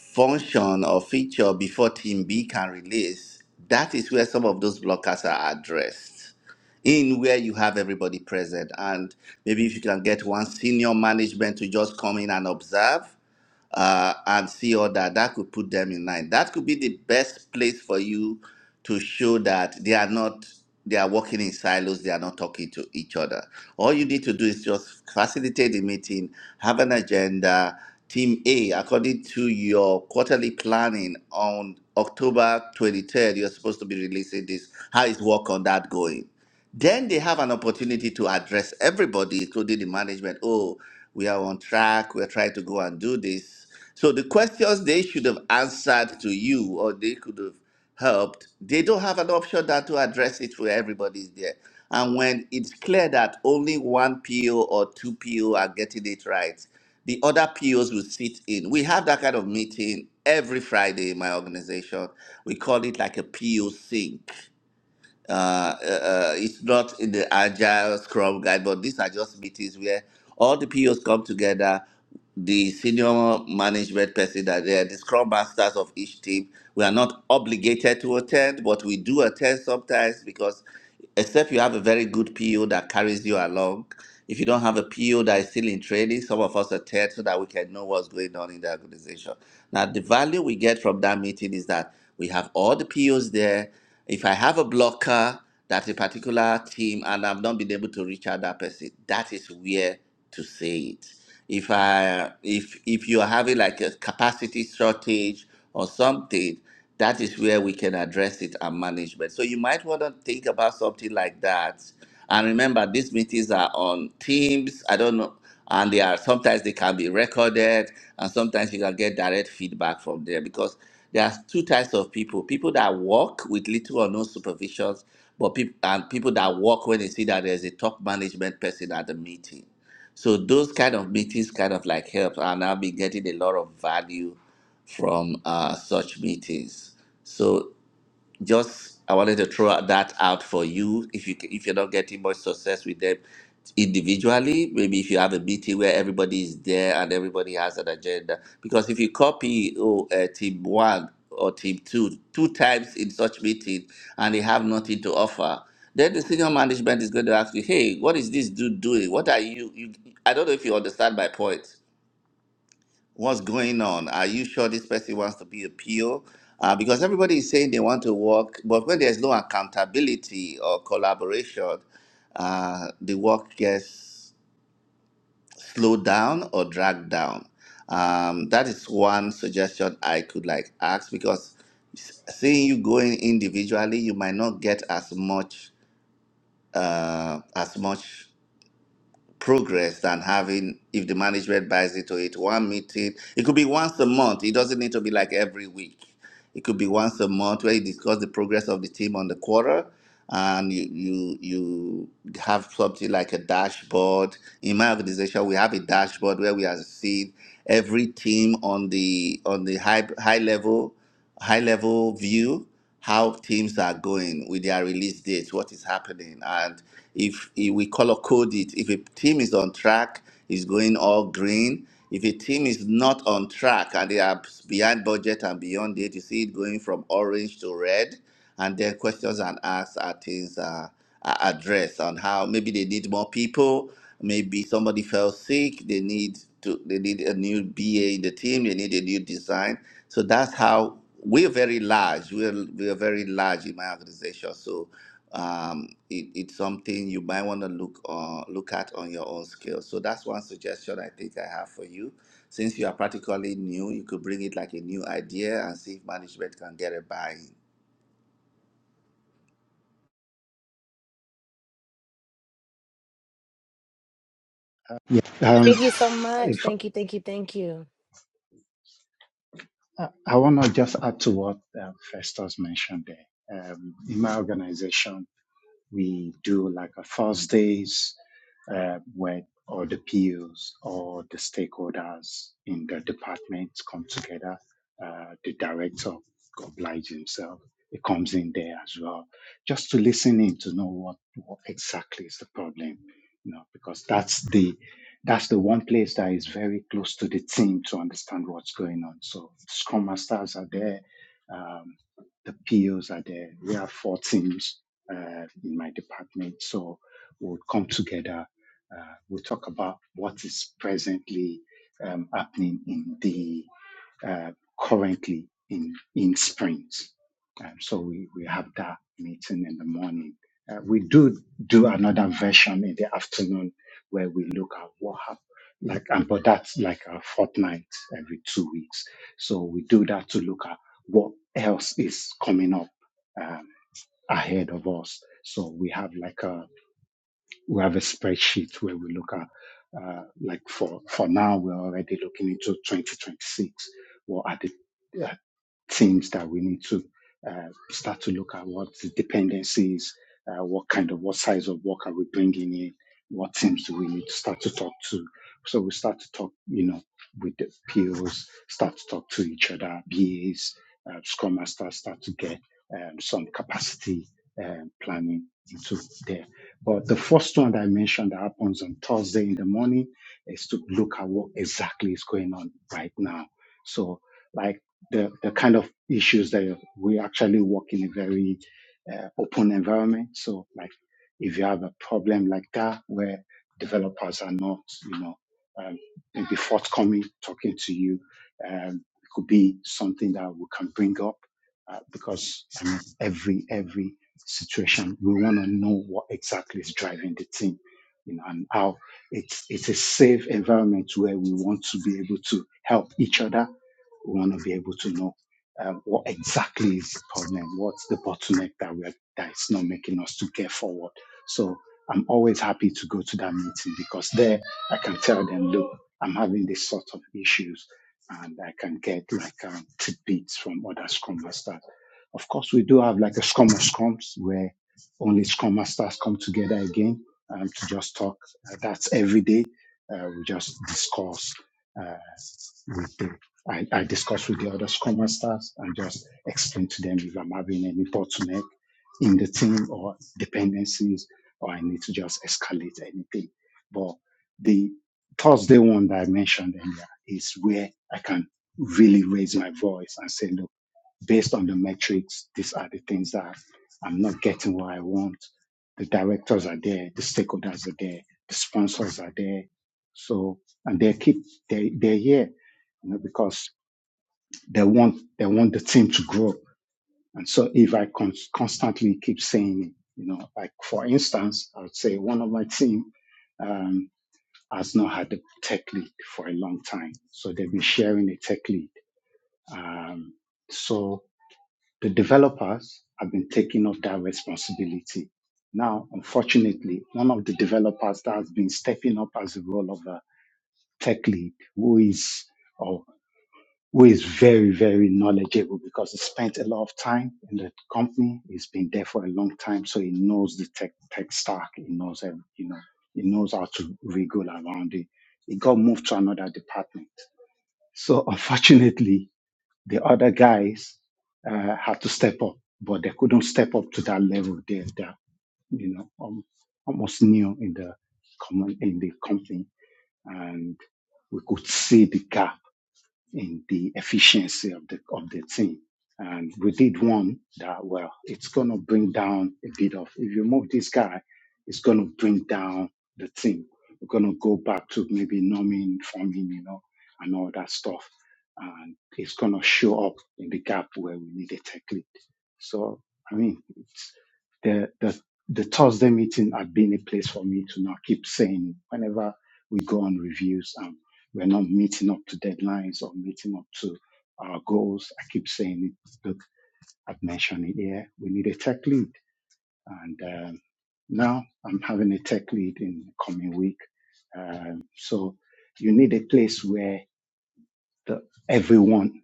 function or feature before team B can release, that is where some of those blockers are addressed. In where you have everybody present, and maybe if you can get one senior management to just come in and observe uh, and see all that. That could put them in line. That could be the best place for you to show that they are not they are working in silos. They are not talking to each other. All you need to do is just facilitate the meeting, have an agenda. Team A, according to your quarterly planning on October 23rd, you're supposed to be releasing this. How is work on that going? Then they have an opportunity to address everybody, including the management. Oh, we are on track. We're trying to go and do this. So the questions they should have answered to you or they could have helped, they don't have an option that to address it where everybody's there. And when it's clear that only one PO or two PO are getting it right, the other POs will sit in. We have that kind of meeting every Friday in my organization. We call it like a PO sync uh, uh, uh, it's not in the agile scrum guide, but these are just meetings where all the POs come together, the senior management person that they are the scrum masters of each team. We are not obligated to attend, but we do attend sometimes because except you have a very good PO that carries you along. If you don't have a PO that is still in training, some of us attend so that we can know what's going on in the organization. Now, the value we get from that meeting is that we have all the POs there. If I have a blocker, that a particular team, and I've not been able to reach out that person, that is where to say it. If I if if you are having like a capacity shortage or something, that is where we can address it and management. So you might want to think about something like that and remember, these meetings are on Teams. I don't know, and they are sometimes they can be recorded, and sometimes you can get direct feedback from there because there are two types of people: people that work with little or no supervisions, but people and people that work when they see that there's a top management person at the meeting. So those kind of meetings kind of like help, and I'll be getting a lot of value from uh, such meetings. So just I wanted to throw that out for you. If you if you're not getting much success with them individually, maybe if you have a meeting where everybody is there and everybody has an agenda, because if you copy oh, uh, team one or team two two times in such meeting and they have nothing to offer, then the senior management is going to ask you, hey, what is this dude doing? What are you? you I don't know if you understand my point what's going on? Are you sure this person wants to be a PO? Uh, because everybody is saying they want to work, but when there's no accountability or collaboration, uh, the work gets slowed down or dragged down. Um, that is one suggestion I could like ask because s- seeing you going individually, you might not get as much uh, as much progress than having if the management buys into it one meeting it could be once a month it doesn't need to be like every week it could be once a month where you discuss the progress of the team on the quarter and you you you have something like a dashboard. In my organization, we have a dashboard where we are seeing every team on the on the high high level high level view how teams are going with their release dates, what is happening, and if, if we color code it, if a team is on track, is going all green. If a team is not on track and they are behind budget and beyond date, you see it going from orange to red and then questions and asks are things uh, are addressed on how maybe they need more people, maybe somebody fell sick, they need to they need a new BA in the team, they need a new design. So that's how we're very large. We're we're very large in my organization. So um, it, it's something you might want to look on, look at on your own scale. So that's one suggestion I think I have for you. Since you are practically new, you could bring it like a new idea and see if management can get a buy-in. Um, thank you so much if thank you thank you thank you I, I want to just add to what um, Festus mentioned there. Um, in my organization, we do like a first days uh, where all the POs or the stakeholders in the departments come together. Uh, the director obliges himself. He comes in there as well, just to listen in to know what, what exactly is the problem, you know, because that's the that's the one place that is very close to the team to understand what's going on. So Scrum Masters are there, um, the POs are there. We have four teams uh, in my department. So we'll come together. Uh, we'll talk about what is presently um, happening in the uh, currently in in sprint. Um, so we, we have that meeting in the morning. Uh, we do do another version in the afternoon where we look at what happened. Like, and but that's like a fortnight every two weeks. So we do that to look at what else is coming up Um, ahead of us. So we have like a we have a spreadsheet where we look at uh, like for for now we're already looking into 2026. Well, at the things that we need to uh, start to look at what the dependencies, uh, what kind of, what size of work are we bringing in, what teams do we need to start to talk to. So we start to talk, you know, with the POs, start to talk to each other, BAs, uh, Scrum Masters, start to get um, some capacity um, planning into there. But the first one that I mentioned that happens on Thursday in the morning is to look at what exactly is going on right now. So like the, the kind of issues that you're- we actually work in a very uh, open environment. So like if you have a problem like that where developers are not, you know, um, maybe forthcoming talking to you, um, it could be something that we can bring up uh, because I mean, every every situation we want to know what exactly is driving the team, you know, and how it's it's a safe environment where we want to be able to help each other we want to be able to know um, what exactly is the problem, what's the bottleneck that we're that is not making us to get forward. So I'm always happy to go to that meeting because there I can tell them, look, I'm having this sort of issues, and I can get like um, tidbits from other Scrum Masters. Of course, we do have like a Scrum of Scrums where only Scrum Masters come together again um, to just talk. Uh, that's every day. Uh, we just discuss uh, with the I, I discuss with the other Scrum Masters and just explain to them if I'm having any bottleneck in the team or dependencies, or I need to just escalate anything. But the Thursday one that I mentioned earlier is where I can really raise my voice and say, look, based on the metrics, these are the things that I'm not getting what I want. The directors are there, the stakeholders are there, the sponsors are there. So, and they keep, they, they're here you know, because they want they want the team to grow. And so if I con- constantly keep saying it, you know, like for instance, I would say one of my team um, has not had a tech lead for a long time, so they've been sharing a tech lead. Um, so the developers have been taking up that responsibility. Now, unfortunately, one of the developers that has been stepping up as the role of a tech lead, who is or who is very, very knowledgeable because he spent a lot of time in the company. He's been there for a long time, so he knows the tech tech stack. He knows, every, you know, he knows how to wriggle around it. He got moved to another department. So unfortunately, the other guys uh, had to step up, but they couldn't step up to that level. They, they're, you know, um, almost new in the common in the company, and we could see the gap in the efficiency of the of the team. And we did one that well, it's gonna bring down a bit of if you move this guy, it's gonna bring down the team. We're gonna go back to maybe numbing, forming, you know, and all that stuff. And it's gonna show up in the gap where we need a tech lead. So I mean it's the the the Thursday meeting had been a place for me to not keep saying whenever we go on reviews and. We're not meeting up to deadlines or meeting up to our goals. I keep saying it. Look, I've mentioned it here. We need a tech lead. And um, now I'm having a tech lead in the coming week. Um, so you need a place where the, everyone,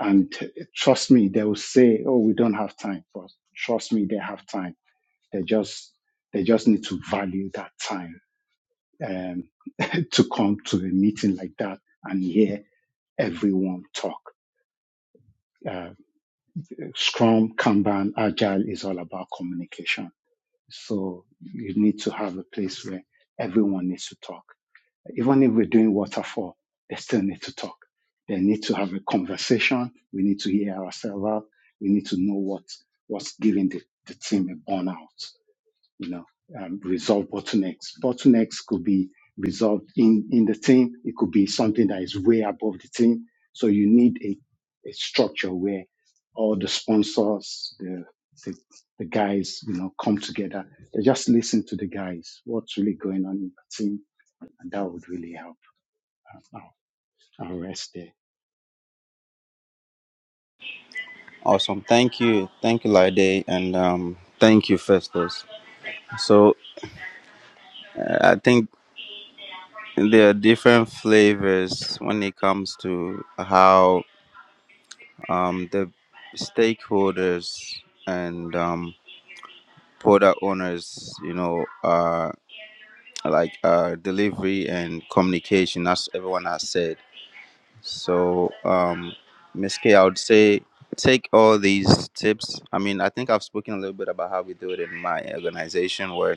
and trust me, they will say, oh, we don't have time. But trust me, they have time. They just, they just need to value that time um, to come to a meeting like that and hear everyone talk. Uh, Scrum, Kanban, Agile is all about communication. So you need to have a place where everyone needs to talk. Even if we're doing waterfall, they still need to talk. They need to have a conversation. We need to hear ourselves out. We need to know what, what's giving the, the team a burnout you know, um, resolve bottlenecks. Bottlenecks could be resolved in, in the team. It could be something that is way above the team. So you need a, a structure where all the sponsors, the, the, the guys, you know, come together. They just listen to the guys, what's really going on in the team. And that would really help. Uh, I'll, I'll rest there. Awesome. Thank you, thank you, Lide, and um, thank you, Festus. So uh, I think there are different flavors when it comes to how um, the stakeholders and um, product owners, you know, uh, like uh, delivery and communication. As everyone has said So, um, Miss K, I would say take all these tips. I mean, I think I've spoken a little bit about how we do it in my organization, where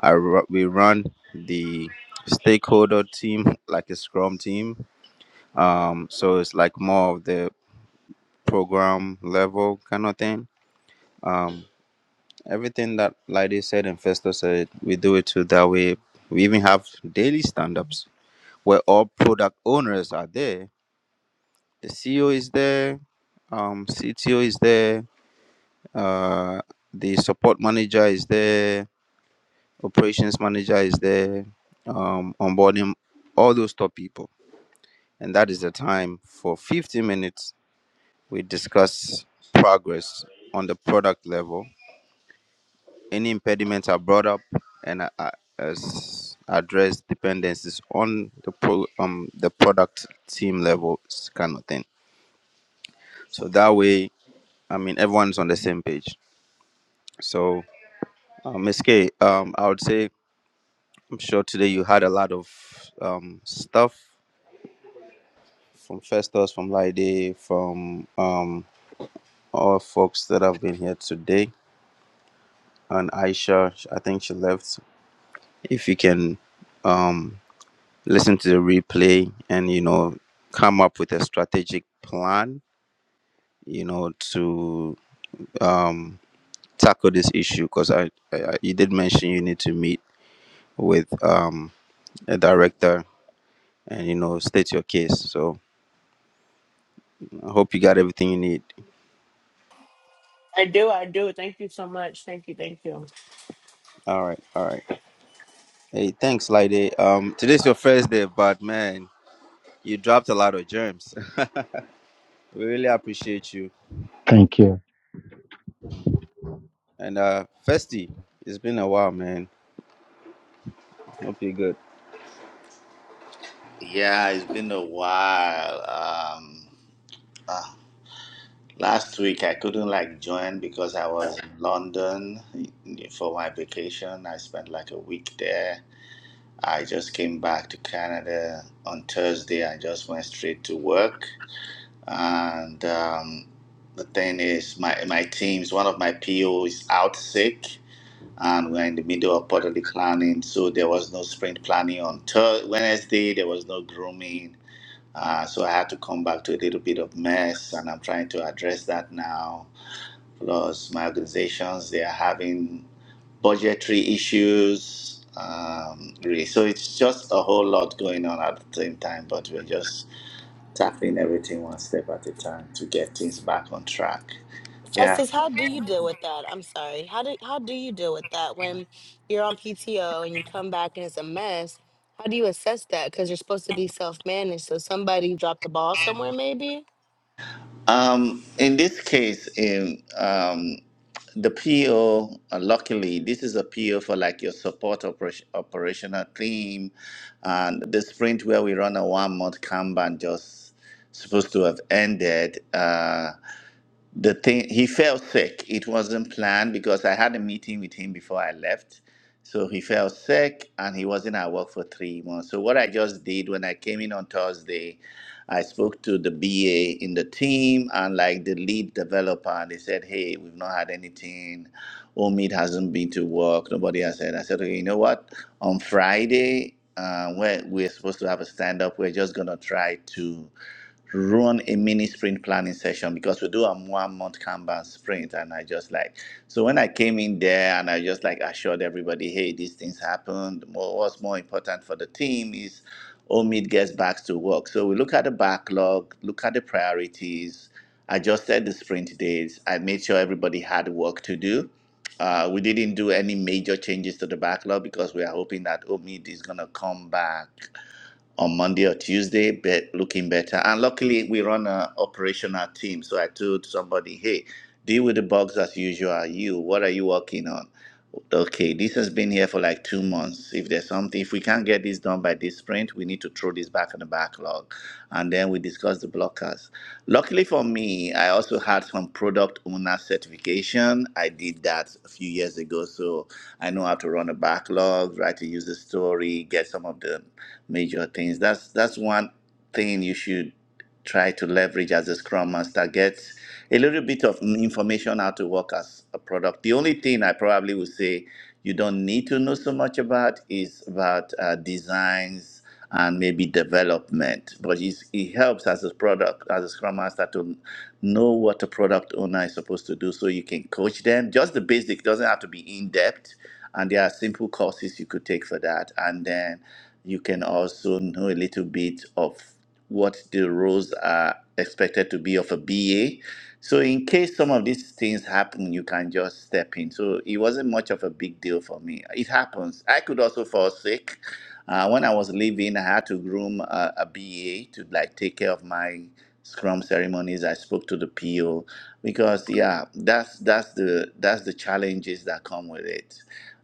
I ru- we run the stakeholder team like a Scrum team. Um, so it's like more of the program level kind of thing. Um, everything that Lady said and Festo said, we do it too. That way, we even have daily stand-ups where all product owners are there the CEO is there, um, CTO is there, uh, the support manager is there, operations manager is there, um, onboarding, all those top people. And that is the time for 15 minutes. We discuss progress on the product level. Any impediments are brought up and uh, uh, as address dependencies on the pro, um, the product team level kind of thing. So that way, I mean, everyone's on the same page So, uh, Miss K, um, I would say I'm sure today you had a lot of um, stuff from Festus, from Lide, from um, all folks that have been here today, and Aisha. sh- I think she left. If you can um, listen to the replay and you know come up with a strategic plan, you know to um, tackle this issue, because I, I I- you did mention you need to meet with um, a director and you know state your case. So I hope you got everything you need. I do, I do. Thank you so much. Thank you, thank you. All right, all right. Hey, thanks, Lady. Um, today's your first day, but man, you dropped a lot of germs. we really appreciate you. Thank you. And uh, Festy, it's been a while, man. Hope you're good. Yeah, it's been a while. Um, uh, last week I couldn't like join because I was in London for my vacation. I spent like a week there. I just came back to Canada on Thursday. I just went straight to work. And um, the thing is, my my team's one of my PO is out sick, and we're in the middle of quarterly planning. So there was no sprint planning on Thur- Wednesday. There was no grooming uh, so I had to come back to a little bit of mess, and I'm trying to address that now. Plus, my organizations they are having budgetary issues. Um, really, so it's just a whole lot going on at the same time. But we're just tackling everything one step at a time to get things back on track. Yeah. Justice, how do you deal with that? I'm sorry. How do how do you deal with that when you're on PTO and you come back and it's a mess? How do you assess that? Because you're supposed to be self managed. So somebody dropped the ball somewhere, maybe. Um, in this case, in, um, the PO, uh, luckily, this is a PO for like your support operation, operational team. And the sprint where we run a one month Kanban just supposed to have ended. Uh, the thing he fell sick it wasn't planned because i had a meeting with him before i left so he fell sick and he wasn't at work for three months so what i just did when i came in on thursday i spoke to the ba in the team and like the lead developer and they said hey we've not had anything omid hasn't been to work nobody has said i said okay you know what on friday uh, where we're supposed to have a stand up we're just gonna try to run a mini sprint planning session because we do a one month Kanban sprint. And I just like, so when I came in there and I just like assured everybody, hey, these things happened. Mo- What's more important for the team is Omid gets back to work. So we look at the backlog, look at the priorities, adjusted the sprint days. I made sure everybody had work to do. Uh, we didn't do any major changes to the backlog because we are hoping that Omid is going to come back on Monday or Tuesday, but looking better. And luckily, we run an operational team. So I told somebody, hey, deal with the bugs as usual. You, what are you working on? Okay, this has been here for like two months. If there's something, if we can't get this done by this sprint, we need to throw this back in the backlog. And then we discuss the blockers. Luckily for me, I also had some product owner certification. I did that a few years ago. So I know how to run a backlog, write a user story, get some of the major things. That's that's one thing you should try to leverage as a scrum master. Get a little bit of information how to work as a product. The only thing I probably would say you don't need to know so much about is about uh, designs and maybe development. But it's, it helps as a product, as a scrum master, to know what a product owner is supposed to do so you can coach them. Just the basic doesn't have to be in depth. And there are simple courses you could take for that. And then you can also know a little bit of what the roles are expected to be of a BA. So in case some of these things happen, you can just step in. So it wasn't much of a big deal for me. It happens. I could also fall sick. Uh, when I was leaving, I had to groom a, a BA to like take care of my scrum ceremonies. I spoke to the PO because yeah, that's that's the that's the challenges that come with it.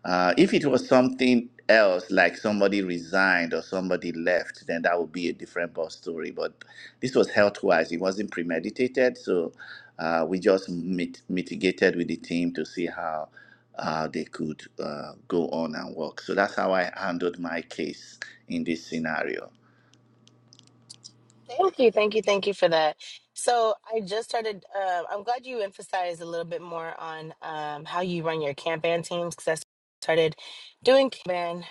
Uh, if it was something else, like somebody resigned or somebody left, then that would be a different boss story. But this was health wise, it wasn't premeditated. So uh, we just mit- mitigated with the team to see how uh, they could uh, go on and work. So that's how I handled my case in this scenario. Thank you, thank you, thank you for that. So I just started. Uh, I'm glad you emphasized a little bit more on um, how you run your Kanban teams because I started doing Kanban.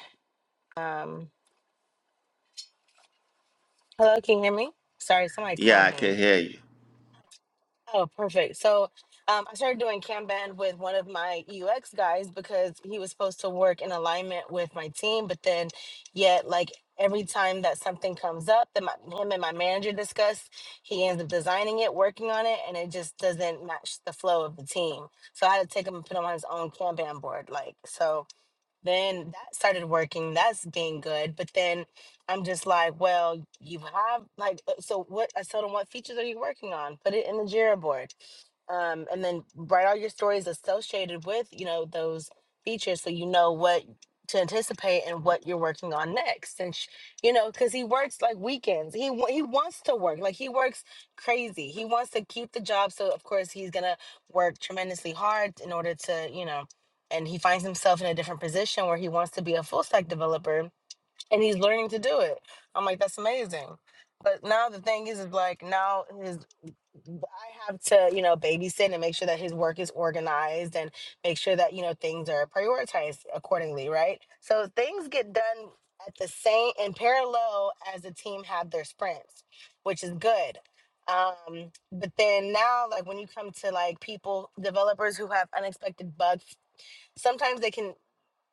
Um, hello, can you hear me? Sorry, somebody Yeah, called I me. can hear you. Oh, perfect. So um, I started doing Kanban with one of my UX guys because he was supposed to work in alignment with my team, but then yet like every time that something comes up that my, him and my manager discuss, he ends up designing it, working on it, and it just doesn't match the flow of the team. So I had to take him and put him on his own Kanban board. Like, so then that started working. That's been good. But then I'm just like, well, you have like, uh, so what? I told him, what features are you working on? Put it in the Jira board, um, and then write all your stories associated with you know those features, so you know what to anticipate and what you're working on next. And sh- you know, because he works like weekends. He wa- he wants to work. Like he works crazy. He wants to keep the job. So of course he's gonna work tremendously hard in order to you know and he finds himself in a different position where he wants to be a full stack developer and he's learning to do it. I'm like, that's amazing. But now the thing is, is like now his I have to, you know, babysit and make sure that his work is organized and make sure that, you know, things are prioritized accordingly, right? So things get done at the same in parallel as the team have their sprints, which is good. Um, but then now like when you come to like people, developers who have unexpected bugs sometimes they can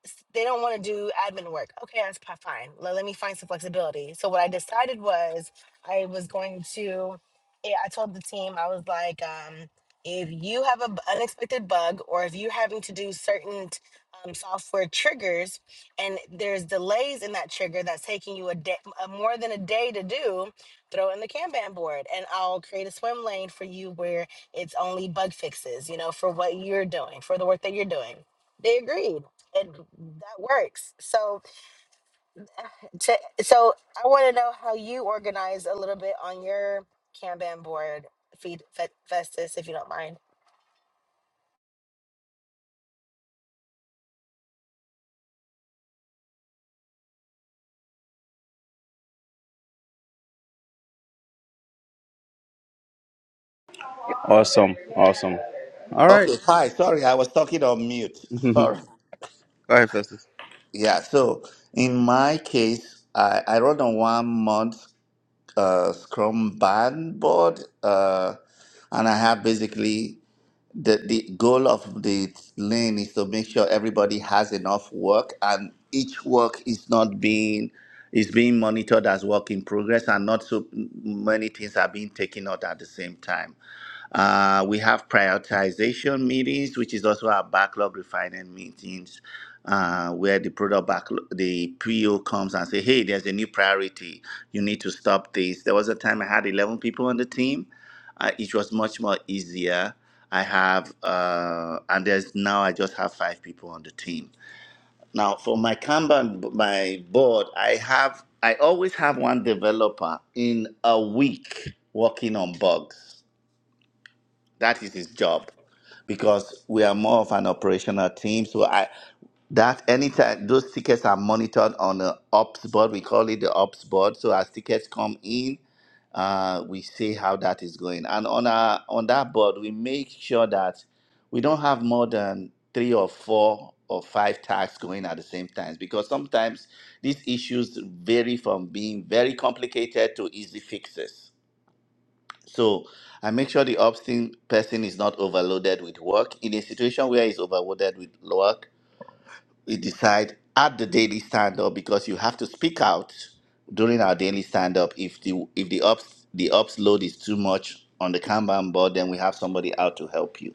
s- they don't want to do admin work. Okay, that's p- fine. Let, let me find some flexibility. So what I decided was I was going to. eh, I told the team I was like, um, if you have an unexpected bug or if you're having to do certain t- um, software triggers and there's delays in that trigger that's taking you a day, a, more than a day to do, throw in the Kanban board and I'll create a swim lane for you where it's only bug fixes. You know, for what you're doing, for the work that you're doing. They agreed and that works. So to, so I want to know how you organize a little bit on your Kanban board, feed Fe- Festus, if you don't mind. Awesome, awesome. All right. Okay, hi. Sorry, I was talking on mute. Go Sorry. ahead, Festus. Yeah, so in my case, I, I run on one month uh, Scrum band board, uh, and I have basically the the goal of the lane is to make sure everybody has enough work and each work is not being is being monitored as work in progress and not so many things are being taken out at the same time. Uh, we have prioritization meetings, which is also our backlog refining meetings, uh, where the product backlog, the PO comes and say, "Hey, there's a new priority. You need to stop this." There was a time I had 11 people on the team uh, it was much more easier. I have, uh, and there's now I just have five people on the team. Now for my Kanban, b- my board, I have, I always have one developer in a week working on bugs. That is his job because we are more of an operational team. So I that anytime those tickets are monitored on the ops board, we call it the ops board. So as tickets come in, uh, we see how that is going. And on our on that board, we make sure that we don't have more than three or four or five tasks going at the same time because sometimes these issues vary from being very complicated to easy fixes. So I make sure the ops team person is not overloaded with work. In a situation where he's overloaded with work, we decide at the daily stand up because you have to speak out during our daily stand up. If the if the ops the ops load is too much on the Kanban board, then we have somebody out to help you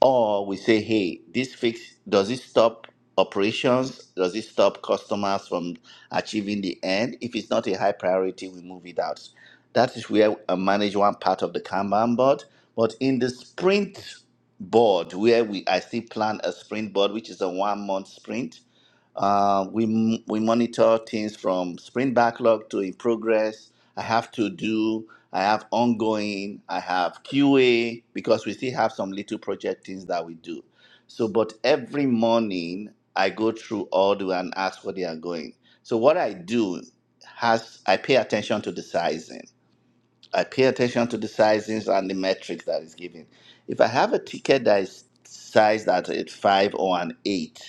or we say, hey, this fix does it stop operations? Does it stop customers from achieving the end? If it's not a high priority, we move it out. That is where I manage one part of the Kanban board. But in the sprint board, where we I still plan a sprint board, which is a one month sprint, uh, we we monitor things from sprint backlog to in progress. I have to do. I have ongoing. I have QA because we still have some little project things that we do. So, but every morning I go through all the and ask where they are going. So what I do has I pay attention to the sizing. I pay attention to the sizings and the metric that is given. If I have a ticket that is sized at a five or an eight,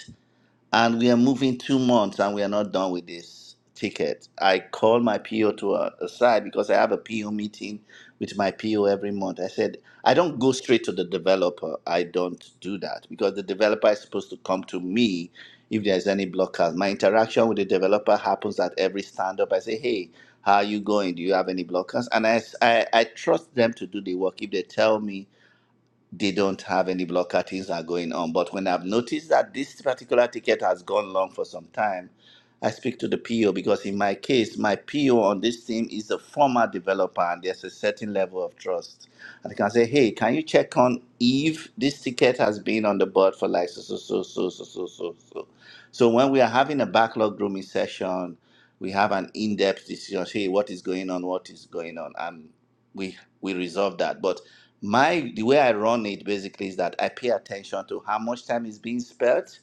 and we are moving two months and we are not done with this ticket. I call my PO to a, aside because I have a PO meeting with my PO every month. I said, I don't go straight to the developer. I don't do that because the developer is supposed to come to me if there's any blockers. My interaction with the developer happens at every stand up. I say, hey, how are you going? Do you have any blockers? And I, s- I I trust them to do the work. If they tell me they don't have any block cuttings that are going on. But when I've noticed that this particular ticket has gone long for some time, I speak to the PO because in my case, my PO on this team is a former developer and there's a certain level of trust. And I can say, hey, can you check on if this ticket has been on the board for like so so so so so so so so. So when we are having a backlog grooming session, we have an in-depth discussion. Hey, what is going on? What is going on? And we we resolve that. But my the way i run it basically is that i pay attention to how much time is being spent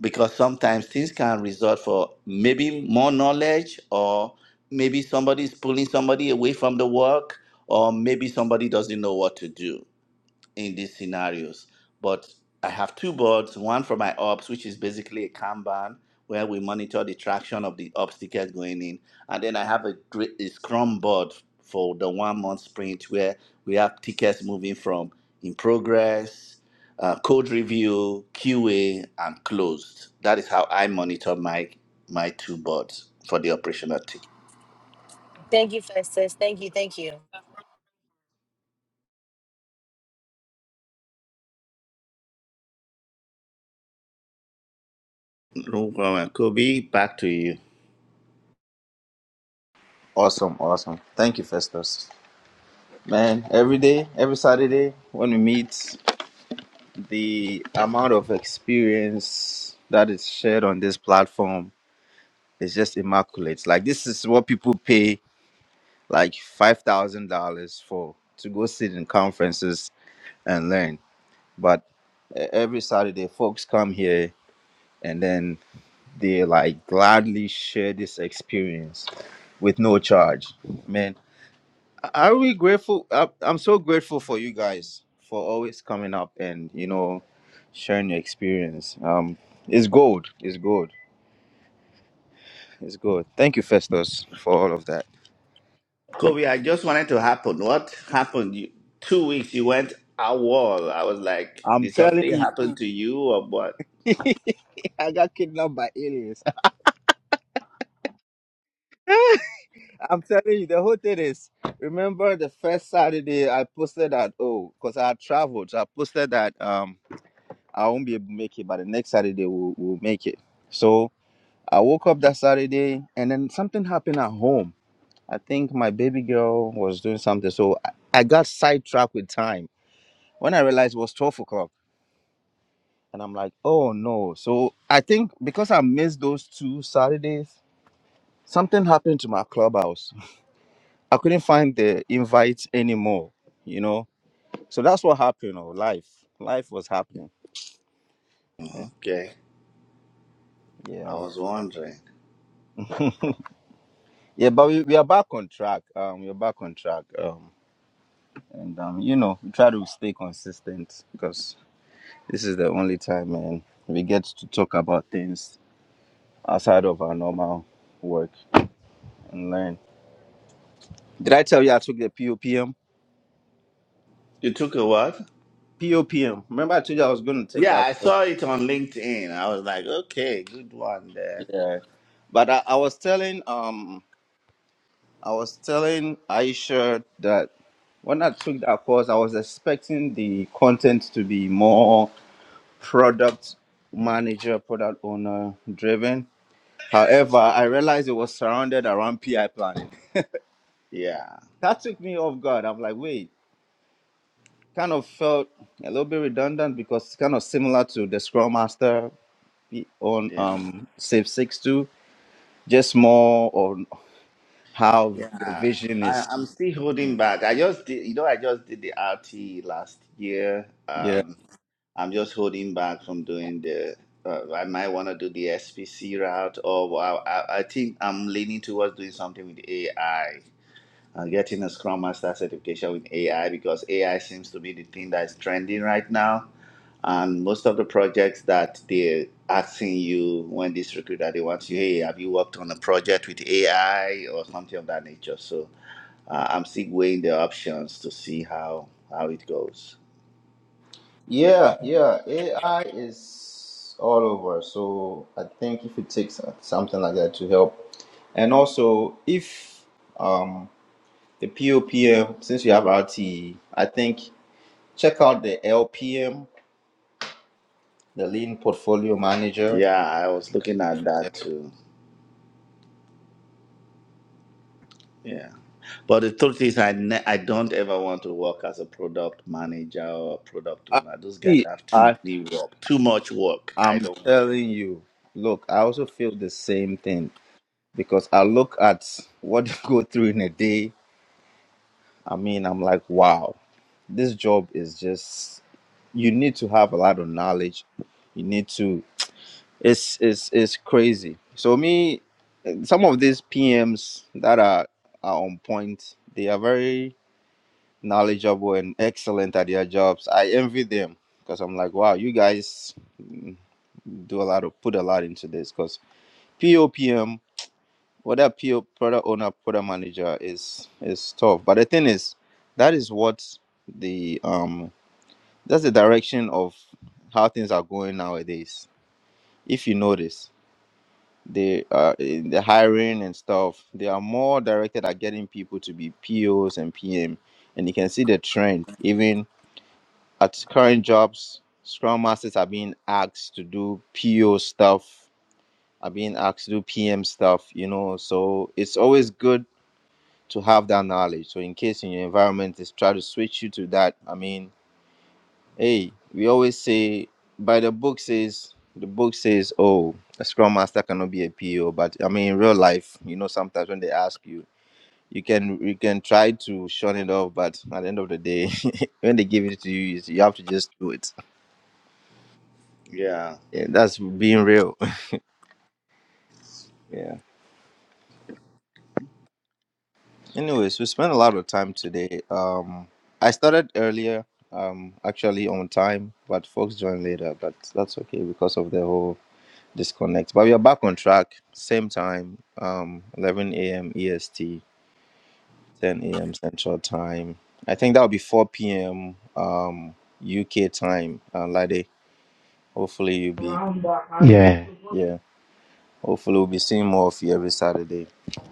because sometimes things can result for maybe more knowledge or maybe somebody is pulling somebody away from the work or maybe somebody doesn't know what to do in these scenarios. But I have two boards, one for my ops, which is basically a Kanban where we monitor the traction of the ops ticket going in. And then I have a, a Scrum board for the one month sprint where we have tickets moving from in progress, uh, code review, QA, and closed. That is how I monitor my my two boards for the operational ticket. Thank you, Festus. Thank you, thank you, Kobe, back to you. Awesome, awesome. Thank you, Festus. Man, every day, every Saturday, when we meet, the amount of experience that is shared on this platform It's just immaculate. Like this is what people pay like five thousand dollars for to go sit in conferences and learn. But e- every Saturday, folks come here and then they like gladly share this experience with no charge. Man, I- are we grateful? I- I'm so grateful for you guys for always coming up and you know sharing your experience. Um, it's gold. It's gold. It's gold. Thank you, Festus, for all of that. Kobe, I just wanted to happen. What happened? You, two weeks you went out wall. I was like, I'm did telling something you. happen to you or what? I got kidnapped by aliens. I'm telling you, the whole thing is. Remember the first Saturday I posted that oh, because I had traveled, so I posted that um I won't be able to make it, but the next Saturday we'll, we'll make it. So I woke up that Saturday, and then something happened at home. I think my baby girl was doing something, so I, I got sidetracked with time. When I realized it was twelve o'clock, and I'm like, oh no. So I think because I missed those two Saturdays, something happened to my clubhouse I couldn't find the invite anymore, you know. So that's what happened. Oh, life, life was happening. Okay, I Yeah, was wondering. yeah. But we, we are back on track. Um, we are back on track. Um, and um, you know, we try to stay consistent because this is the only time, man, we get to talk about things outside of our normal work and learn. Did I tell you I took the POPM? You took a what? POPM. Remember, I told you I was going to take Yeah, that. I course? saw it on LinkedIn. I was like, okay, good one there. Yeah. But I, I was telling um I was telling Aisha that when I took that course, I was expecting the content to be more product manager, product owner driven. However, I realized it was surrounded around PI planning. Yeah, That took me off guard. I'm like, wait, kind of felt a little bit redundant because it's kind of similar to the Scrum Master on yeah, um Safe Six Two, just more on how the yeah. vision I, is. I'm still holding back. I just did, you know, I just did the RT last year. Yeah. Um, I'm just holding back from doing the. Uh, I might want to do the SPC route, or I, I, I think I'm leaning towards doing something with AI. Uh, getting a Scrum Master certification with AI because AI seems to be the thing that is trending right now. And most of the projects that they're asking you when this recruiter they want you, hey, have you worked on a project with AI or something of that nature? So uh, I'm still weighing the options to see how how it goes. Yeah, yeah. AI is all over. So I think if it takes something like that to help, and also if um the POPM, since you have RTE, I think check out the LPM, the Lean Portfolio Manager. Yeah, I was looking at that too. Yeah. But the truth is, I ne- I don't ever want to work as a product manager or a product I owner. Those guys see. have too I many work, too much work. I I'm don't want to. telling you. Look, I also feel the same thing because I look at what you go through in a day I mean, I'm like, wow, this job is just you need to have a lot of knowledge. You need to it's it's it's crazy. So me some of these PMs that are, are on point, they are very knowledgeable and excellent at their jobs. I envy them because I'm like, wow, you guys mm, do a lot of put a lot into this because POPM whether PO product owner, product manager is is tough. But the thing is, that is what the um that's the direction of how things are going nowadays. If you notice, they uh in the hiring and stuff, they are more directed at getting people to be POs and PM. And you can see the trend. Even at current jobs, Scrum Masters are being asked to do PO stuff, are being asked to do PM stuff, you know. So it's always good to have that knowledge. So in case in your environment is try to switch you to that. I mean, hey, we always say by the book says the book says, oh, a scrum master cannot be a PO. But I mean, in real life, you know, sometimes when they ask you, you can you can try to shun it off, but at the end of the day, when they give it to you, you you have to just do it. Yeah. Yeah, that's being real. Yeah. Anyways, we spent a lot of time today. Um, I started earlier, um, actually on time, but folks joined later. But that's okay because of the whole disconnect. But we are back on track, same time, um, 11 a.m. EST, 10 a.m. Central Time. I think that'll be 4 p.m. Um, UK time, uh, Lade. Hopefully you'll be Yeah. yeah. Hopefully we'll be seeing more of you every Saturday.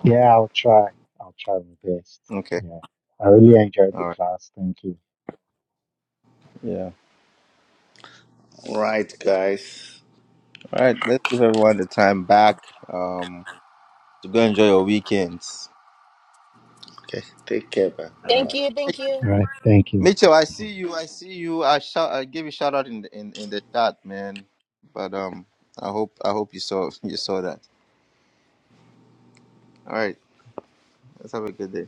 Yeah, I'll try. I'll try my best. Okay. Yeah. I really enjoyed the All right. class. Thank you. Yeah. All right, guys. All right. Let's give everyone the time back. Um, to go enjoy your weekends. Okay. Take care, man. All right. Bye. thank you, Mi- thank you. All right. Thank you. Mitchell, I see you. I see you. I shout. I gave you shout out in the in, in the chat, man. But um, I hope I hope you saw you saw that. All right. Let's have a good day.